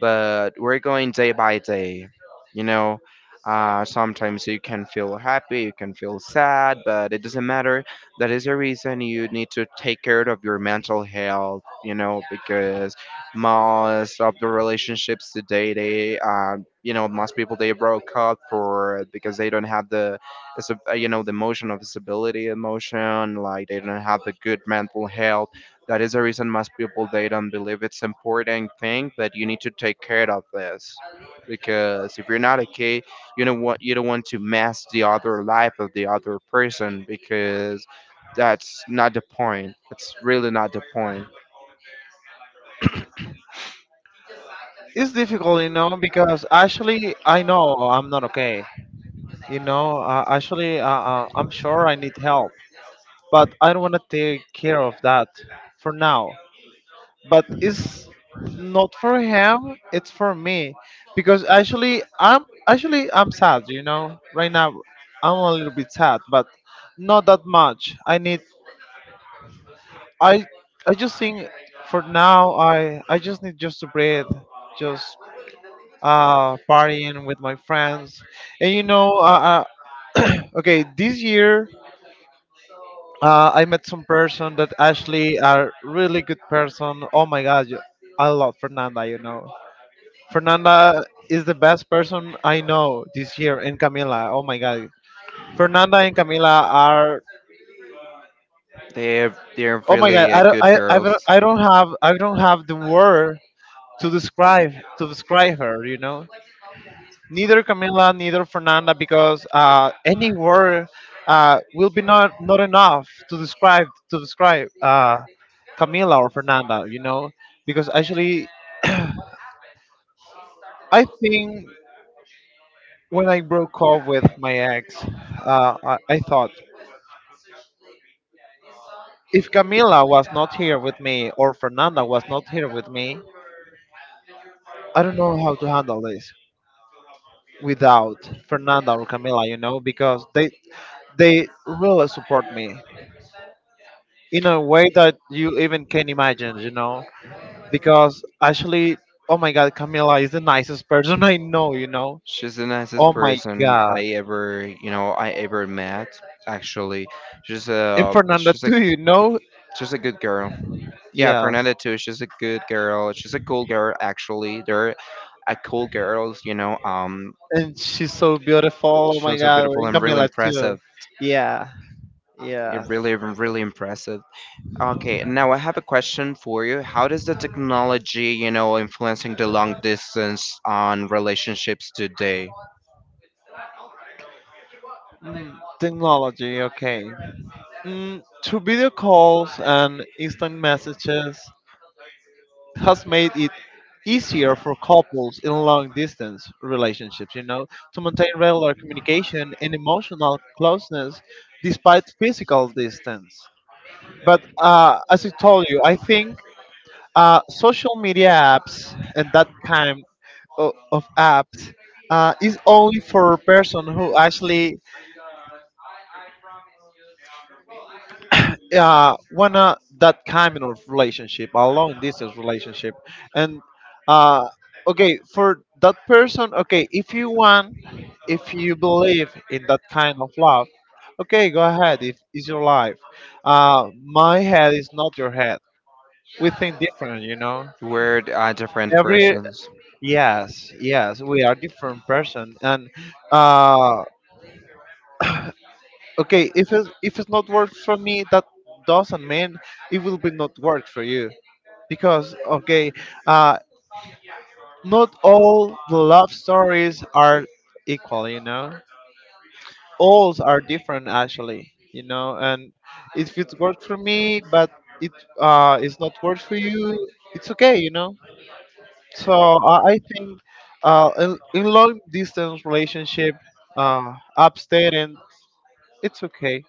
Speaker 1: but we're going day by day, you know. Uh, sometimes you can feel happy, you can feel sad, but it doesn't matter. That is the reason you need to take care of your mental health, you know, because most of the relationships today, they you know, most people, they broke up for because they don't have the you know, the emotion of stability emotion, like they don't have the good mental health. That is the reason most people they don't believe it's important thing, but you need to take care of this because if you're not okay, you know what, you don't want to mess the other life of the other person because that's not the point. It's really not the point.
Speaker 2: it's difficult, you know, because actually I know I'm not okay. You know, actually I'm sure I need help, but I don't want to take care of that for now. But it's not for him; it's for me, because actually I'm sad. You know, right now I'm a little bit sad, but not that much. I need I I just think, for now I just need just to breathe, just partying with my friends, and you know <clears throat> okay, this year I met some person that actually are really good person. Oh my god, I love Fernanda. You know, Fernanda is the best person I know this year, and Camila. Oh my god, Fernanda and Camila are.
Speaker 1: They're
Speaker 2: Oh my god,
Speaker 1: really good girls.
Speaker 2: I don't have the word to describe, to describe her, you know, neither Camila, neither Fernanda, because any word will be not, not enough to describe, Camila or Fernanda, you know. Because actually, I think, when I broke up with my ex, I thought, if Camila was not here with me, or Fernanda was not here with me, I don't know how to handle this without Fernanda or Camila, you know, because they really support me in a way that you even can imagine, you know. Because actually, oh my God, Camila is the nicest person <laughs> I know, you know.
Speaker 1: She's the nicest
Speaker 2: Oh my
Speaker 1: person
Speaker 2: God,
Speaker 1: I ever met. Actually, she's
Speaker 2: and
Speaker 1: a
Speaker 2: Fernanda
Speaker 1: she's a
Speaker 2: too, you know.
Speaker 1: she's a good girl. Yeah, Fernanda
Speaker 2: Yes,
Speaker 1: too. She's a good girl. She's a cool girl actually. They're a cool girls.
Speaker 2: and she's so beautiful. Oh my
Speaker 1: She's so
Speaker 2: God,
Speaker 1: beautiful
Speaker 2: and
Speaker 1: and really
Speaker 2: Camila too.
Speaker 1: impressive.
Speaker 2: Yeah,
Speaker 1: It
Speaker 2: yeah.
Speaker 1: really, really impressive. Okay, now I have a question for you. How does the technology, you know, influencing the long distance on relationships today?
Speaker 2: Mm, technology, okay. Through video calls and instant messages, has made it easier for couples in long distance relationships, to maintain regular communication and emotional closeness despite physical distance. But as I told you, I think social media apps and that kind of apps is only for a person who actually wanna that kind of relationship, a long distance relationship. And uh okay, for that person, okay, if you want, if you believe in that kind of love, okay, go ahead, if it's your life. My head is not your head. We think different, you know.
Speaker 1: We're different
Speaker 2: Every
Speaker 1: persons.
Speaker 2: Yes, yes, we are different person. And uh okay, if it's not work for me, that doesn't mean it will be not work for you, because okay, uh, not all the love stories are equal. You know, all are different actually. You know, and if it works for me, but it is not works for you, it's okay. You know, so I think in long distance relationship, abstaining, it's okay.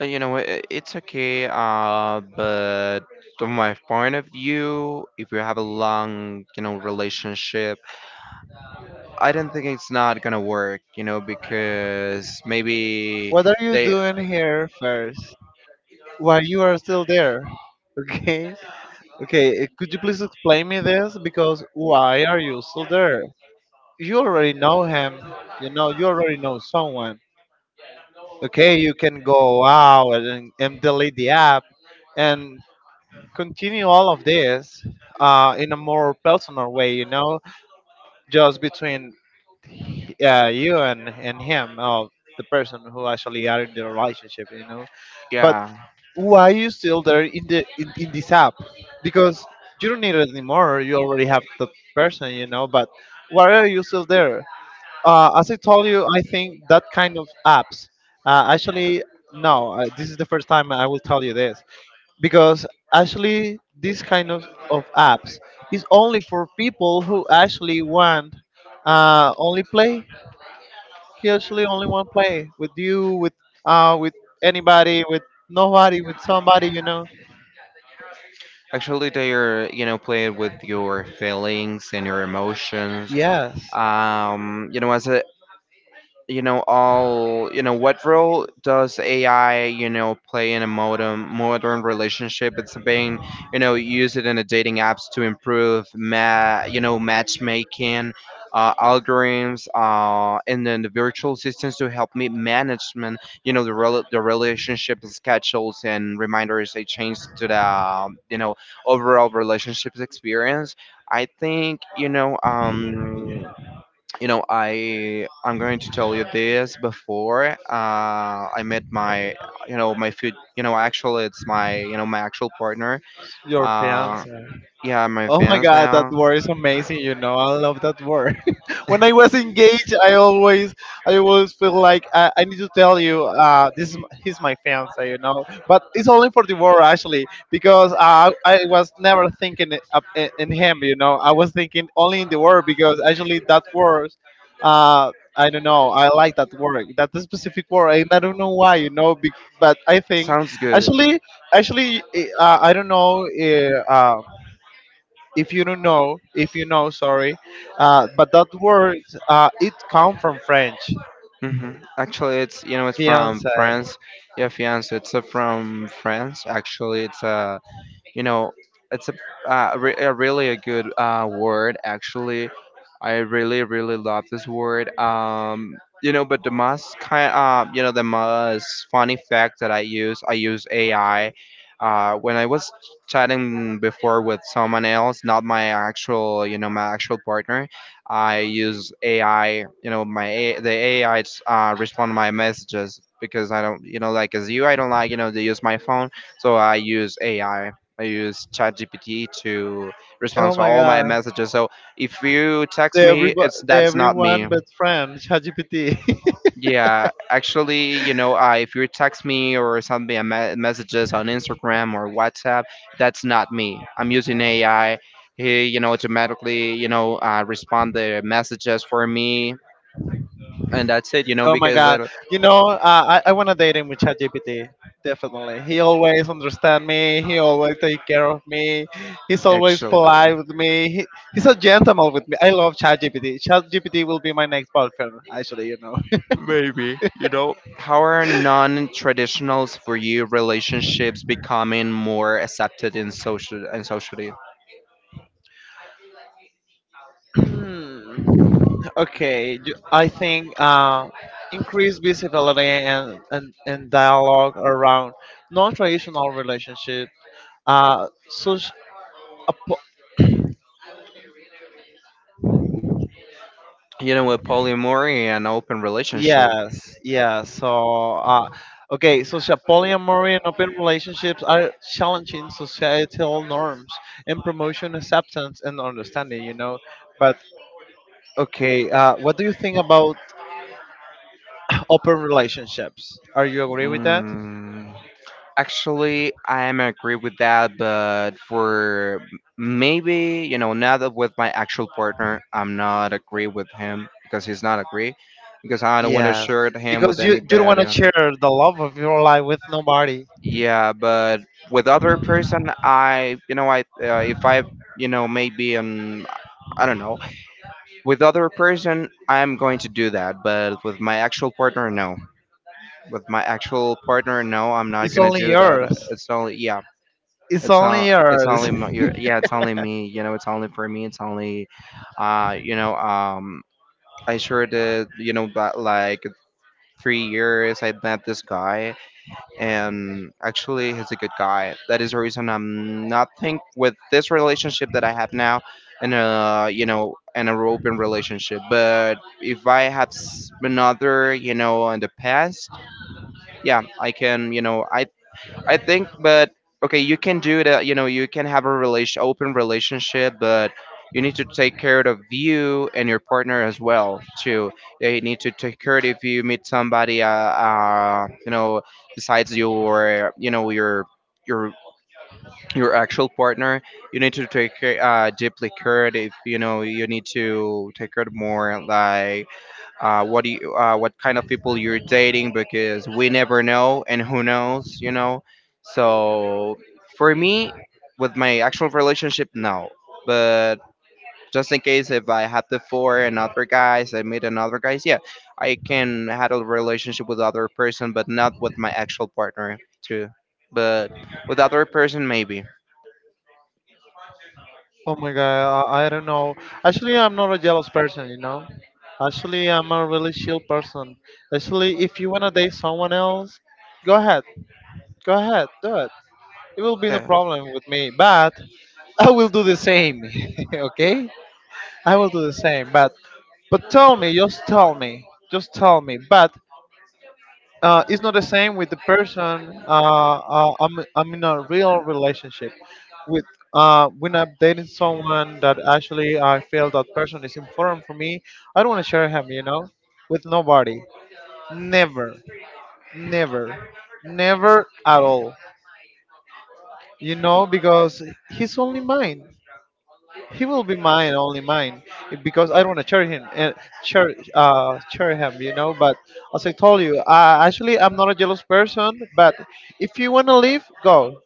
Speaker 1: You know, it's okay, but from my point of view, if you have a long, you know, relationship, I don't think it's not gonna work, you know, because maybe
Speaker 2: What are you
Speaker 1: they,
Speaker 2: doing here first? While you are still there, <laughs> okay? Okay, could you please explain me this? Because why are you still there? You already know him. You know, you already know someone. Okay, you can go out and, delete the app and continue all of this in a more personal way, you know, just between you and, him, or the person who actually are in the relationship, you know. But
Speaker 1: yeah.
Speaker 2: why are you still there in this app, because you don't need it anymore, you already have the person, you know. But why are you still there? As I told you, I think that kind of apps, actually, no, this is the first time I will tell you this, because actually this kind of apps is only for people who actually want only play. He actually only want play with you, with anybody, with nobody, with somebody, you know.
Speaker 1: Actually, they are, you know, playing with your feelings and your emotions.
Speaker 2: Yes,
Speaker 1: You know, as a, you know, all, you know, what role does AI, you know, play in a modern relationship? It's being, you know, use it in the dating apps to improve, you know, matchmaking, algorithms, and then the virtual systems to help me management, you know, the the relationship schedules and reminders. They change to the, you know, overall relationships experience. I think, you know, um, you know, I'm going to tell you this before I met my, you know, my food, you know, actually it's my, you know, my actual partner.
Speaker 2: your
Speaker 1: uh
Speaker 2: fiance.
Speaker 1: yeah, my
Speaker 2: Oh my
Speaker 1: fans
Speaker 2: god, that
Speaker 1: now.
Speaker 2: word is amazing, you know. I love that word. <laughs> When I was engaged, I always, I always feel like I need to tell you, this is he's my fiance, you know. But it's only for the war actually, because I was never thinking it up in him, you know. I was thinking only in the word, because actually that word, I don't know. I like that word. That specific
Speaker 1: <laughs>
Speaker 2: word. And I don't know why, you know, but I think,
Speaker 1: Sounds good.
Speaker 2: actually, I don't know, if you don't know, if you know, sorry, but that word, it come from French,
Speaker 1: Hmm. Actually, it's, you know, it's from
Speaker 2: fiance.
Speaker 1: France. Yeah, fiance, it's from France. Actually, it's a, you know, it's a, a really a good word. Actually, I really really love this word. You know, but the most kind you know, the most funny fact that I use AI. When I was chatting before with someone else, not my actual, you know, my actual partner, I use AI. You know, the AI 's, respond to my messages because I don't, you know, like as you, I don't like, you know, to use my phone. So I use AI. I use ChatGPT to respond
Speaker 2: Oh
Speaker 1: to
Speaker 2: my
Speaker 1: all my
Speaker 2: God,
Speaker 1: messages. So if you
Speaker 2: the
Speaker 1: text me,
Speaker 2: every,
Speaker 1: it's
Speaker 2: the
Speaker 1: that's not me.
Speaker 2: everyone but friend ChatGPT.
Speaker 1: Yeah, actually, you know, if you text me or send me a messages on Instagram or WhatsApp, that's not me. I'm using AI. He, you know, automatically, you know, respond the messages for me, and that's it, you
Speaker 2: <laughs>
Speaker 1: know,
Speaker 2: Oh my
Speaker 1: because
Speaker 2: God, you know, I wanna date him with ChatGPT. Definitely, he always understand me. He always take care of me. He's always
Speaker 1: actually
Speaker 2: polite with me. He, he's a gentleman with me. I love ChatGPT. ChatGPT will be my next boyfriend, actually. You know.
Speaker 1: maybe, you know, how are non-traditionals for you relationships becoming more accepted in social in society?
Speaker 2: <clears throat> Okay, I think increased visibility and, dialogue around non-traditional relationship. Such a po-
Speaker 1: You know, with polyamory and open relationship.
Speaker 2: yes, yes. So okay, social polyamory and open relationships are challenging societal norms and promotion acceptance and understanding. You know, but okay, what do you think about open relationships? Are you agree with that?
Speaker 1: Mm, actually, I am agree with that, but for maybe, you know, now that with my actual partner, I'm not agree with him because he's not agree, because I don't want to
Speaker 2: Yes,
Speaker 1: shirt him
Speaker 2: because
Speaker 1: with
Speaker 2: you don't want to
Speaker 1: anybody.
Speaker 2: share the love of your life with nobody.
Speaker 1: Yeah, but with other person, I you know I if I, you know, maybe, um, I don't know. With other person, I'm going to do that, but with my actual partner, no. With my actual partner, no, I'm not
Speaker 2: It's
Speaker 1: gonna
Speaker 2: only
Speaker 1: do that.
Speaker 2: yours.
Speaker 1: It's only yeah,
Speaker 2: It's
Speaker 1: it's all
Speaker 2: only
Speaker 1: it's
Speaker 2: yours.
Speaker 1: only yeah, it's only me. You know, it's only for me. It's only, you know, I sure did. You know, but like 3 years, I met this guy, and actually he's a good guy. That is the reason I'm not think with this relationship that I have now, and uh, you know, an open relationship. But if I had another, you know, in the past, yeah I can, you know, I think. But okay, you can do that. You know, you can have a relation, open relationship, but you need to take care of you and your partner as well too. They need to take care of if you meet somebody, you know, besides your, you know, your your actual partner. You need to take care, deeply care of. You know, you need to take care of more like what do you, what kind of people you're dating because we never know and who knows, you know. So for me, with my actual relationship, no. But just in case if I had before and other guys, I meet another guys, yeah, I can had a relationship with other person, but not with my actual partner too. But with other person, maybe.
Speaker 2: <laughs> Oh my god, I don't know. Actually, I'm not a jealous person, you know. Actually, I'm a really chill person. Actually, if you wanna date someone else, go ahead, go ahead, do it. It will be no
Speaker 1: Yeah.
Speaker 2: problem with me, but <laughs> I will do the same. <laughs> Okay, I will do the same. But but tell me, just tell me, just tell me. But it's not the same with the person. I'm in a real relationship with, when I'm dating someone that actually I feel that person is important for me. I don't want to share him, you know, with nobody. Never, never, never at all. You know, because he's only mine. He will be mine, only mine, because I don't want to share him and share, share him, you know. But as I told you, actually, I'm not a jealous person. But if you want to leave, go.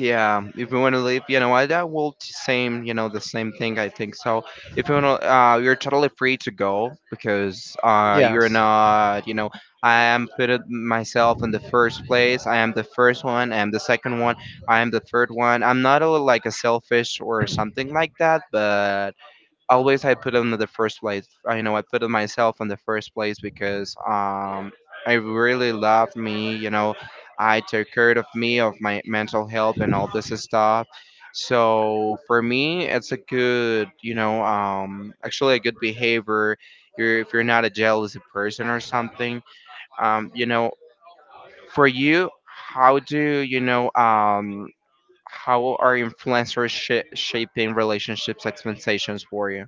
Speaker 1: Yeah, if you want to live, you know, I that will same, you know, the same thing. I think so. If you want to, you're totally free to go because you're
Speaker 2: Yes.
Speaker 1: not, you know, I am put it myself in the first place. I am the first one. I am the second one. I am the third one. I'm not a, like a selfish or something like that, but always I put them in the first place. I know I put it myself in the first place because I really loved me. You know, I took care of me, of my mental health, and all this stuff. So for me, it's a good, you know, actually a good behavior. You're, if you're not a jealous person or something, you know, for you, how do you know? How are influencers shaping relationships expectations for you?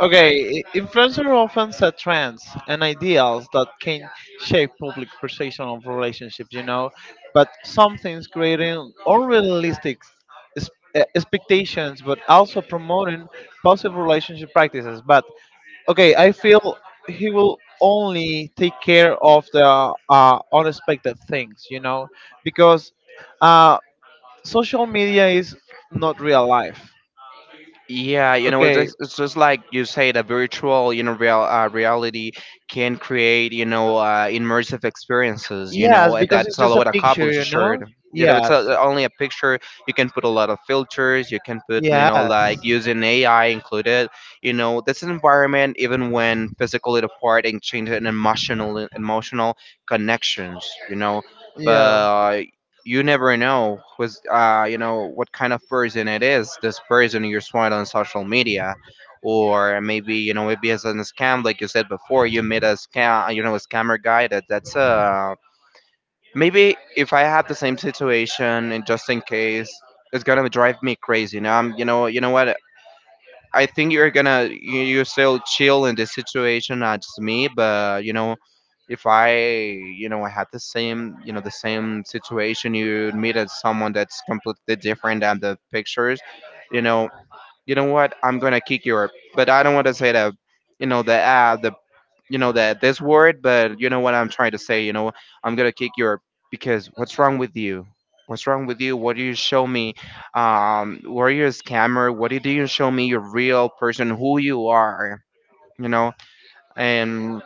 Speaker 2: Okay. Influencer often set trends and ideals that can shape public perception of relationships, you know. But some things creating unrealistic expectations, but also promoting positive relationship practices. But okay, I feel he will only take care of the unexpected things, you know, because uh, social media is not real life,
Speaker 1: Yeah, you know,
Speaker 2: okay.
Speaker 1: it's just like you say, the virtual, you know, real reality can create, you know, immersive experiences. You
Speaker 2: Yes,
Speaker 1: know, and
Speaker 2: because it's
Speaker 1: that's all
Speaker 2: just a
Speaker 1: what a couple
Speaker 2: picture,
Speaker 1: is
Speaker 2: you know.
Speaker 1: shared. You know, it's
Speaker 2: Yes,
Speaker 1: a, only a picture. You can put a lot of filters. You can put, you know,
Speaker 2: yes,
Speaker 1: like using AI included. You know, this environment, even when physically apart, and change an emotional connections. You know,
Speaker 2: yeah,
Speaker 1: but you never know who's you know, what kind of person it is this person you saw on social media. Or maybe, you know, maybe as a scam, like you said before, you meet a scam, you know, a scammer guy that that's uh, maybe if I have the same situation and just in case it's gonna drive me crazy. Now I'm, you know, you know what, I think you're gonna, you, you're still chill in this situation as me, but you know, if I, you know, had the same, you know, the same situation, you meet as someone that's completely different than the pictures, you know, you know what? I'm gonna kick your, but I don't want to say that, you know, the ad, the, you know, that this word, but you know what I'm trying to say, you know, I'm gonna kick your because what's wrong with you? What's wrong with you? What do you show me? Um, were you a scammer? What did you show me? Your real person, who you are, you know? And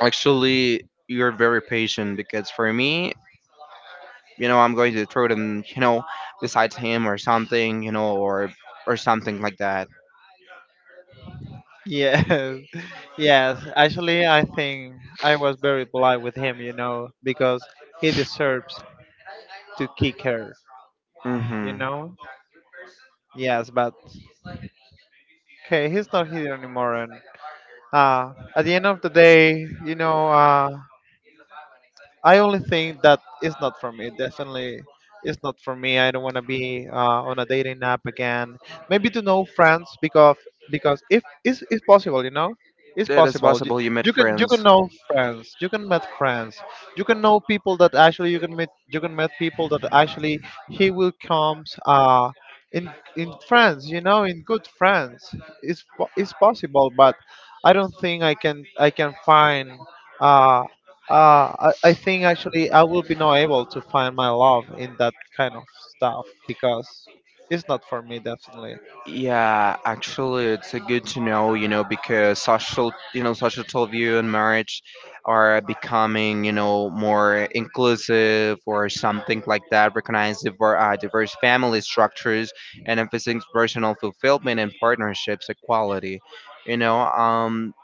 Speaker 1: actually, you're very patient because for me, you know, I'm going to throw them, you know, besides him or something, you know, or something like that.
Speaker 2: yes. <laughs> Yes, actually I think I was very polite with him, you know, because he deserves to kick her, you
Speaker 1: Mm-hmm.
Speaker 2: know. Yes, but okay, he's not here anymore. And at the end of the day, you know, I only think that it's not for me. Definitely, it's not for me. I don't want to be on a dating app again. Maybe to know friends, because if it's possible, you know, it's
Speaker 1: It is
Speaker 2: possible. You,
Speaker 1: possible you made
Speaker 2: you can,
Speaker 1: friends.
Speaker 2: know friends. You can meet friends. You can know people that actually you can meet. You can meet people that actually he will comes in friends. You know, in good friends. It's possible, but I don't think I can find. Uh, I think actually I will be not able to find my love in that kind of stuff, because it's not for me definitely.
Speaker 1: Yeah, actually, it's a good to know, you know, because social, you know, societal view and marriage are becoming, you know, more inclusive or something like that, recognize diverse family structures and emphasizing personal fulfillment and partnerships equality. You know,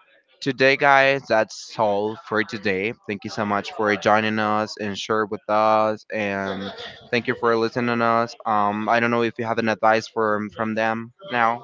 Speaker 1: today, guys, that's all for today. Thank you so much for joining us and share with us, and thank you for listening to us. I don't know if you have an advice from them now.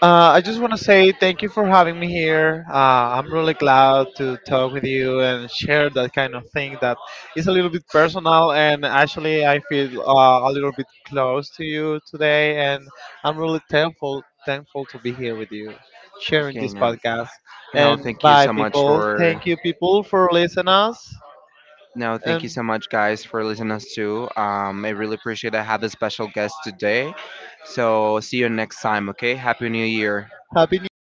Speaker 2: I just want to say thank you for having me here. I'm really glad to talk with you and share that kind of thing that is a little bit personal, and actually I feel a little bit close to you today, and I'm really thankful to be here with you sharing
Speaker 1: Okay,
Speaker 2: this
Speaker 1: no,
Speaker 2: podcast.
Speaker 1: no,
Speaker 2: And
Speaker 1: thank you
Speaker 2: bye
Speaker 1: so much
Speaker 2: people.
Speaker 1: for
Speaker 2: Thank you people for listening us.
Speaker 1: no, thank you
Speaker 2: And
Speaker 1: so much, guys, for listening us too. I really appreciate I have a special guest today. So see you next time, okay? Happy New Year.
Speaker 2: Happy New Year!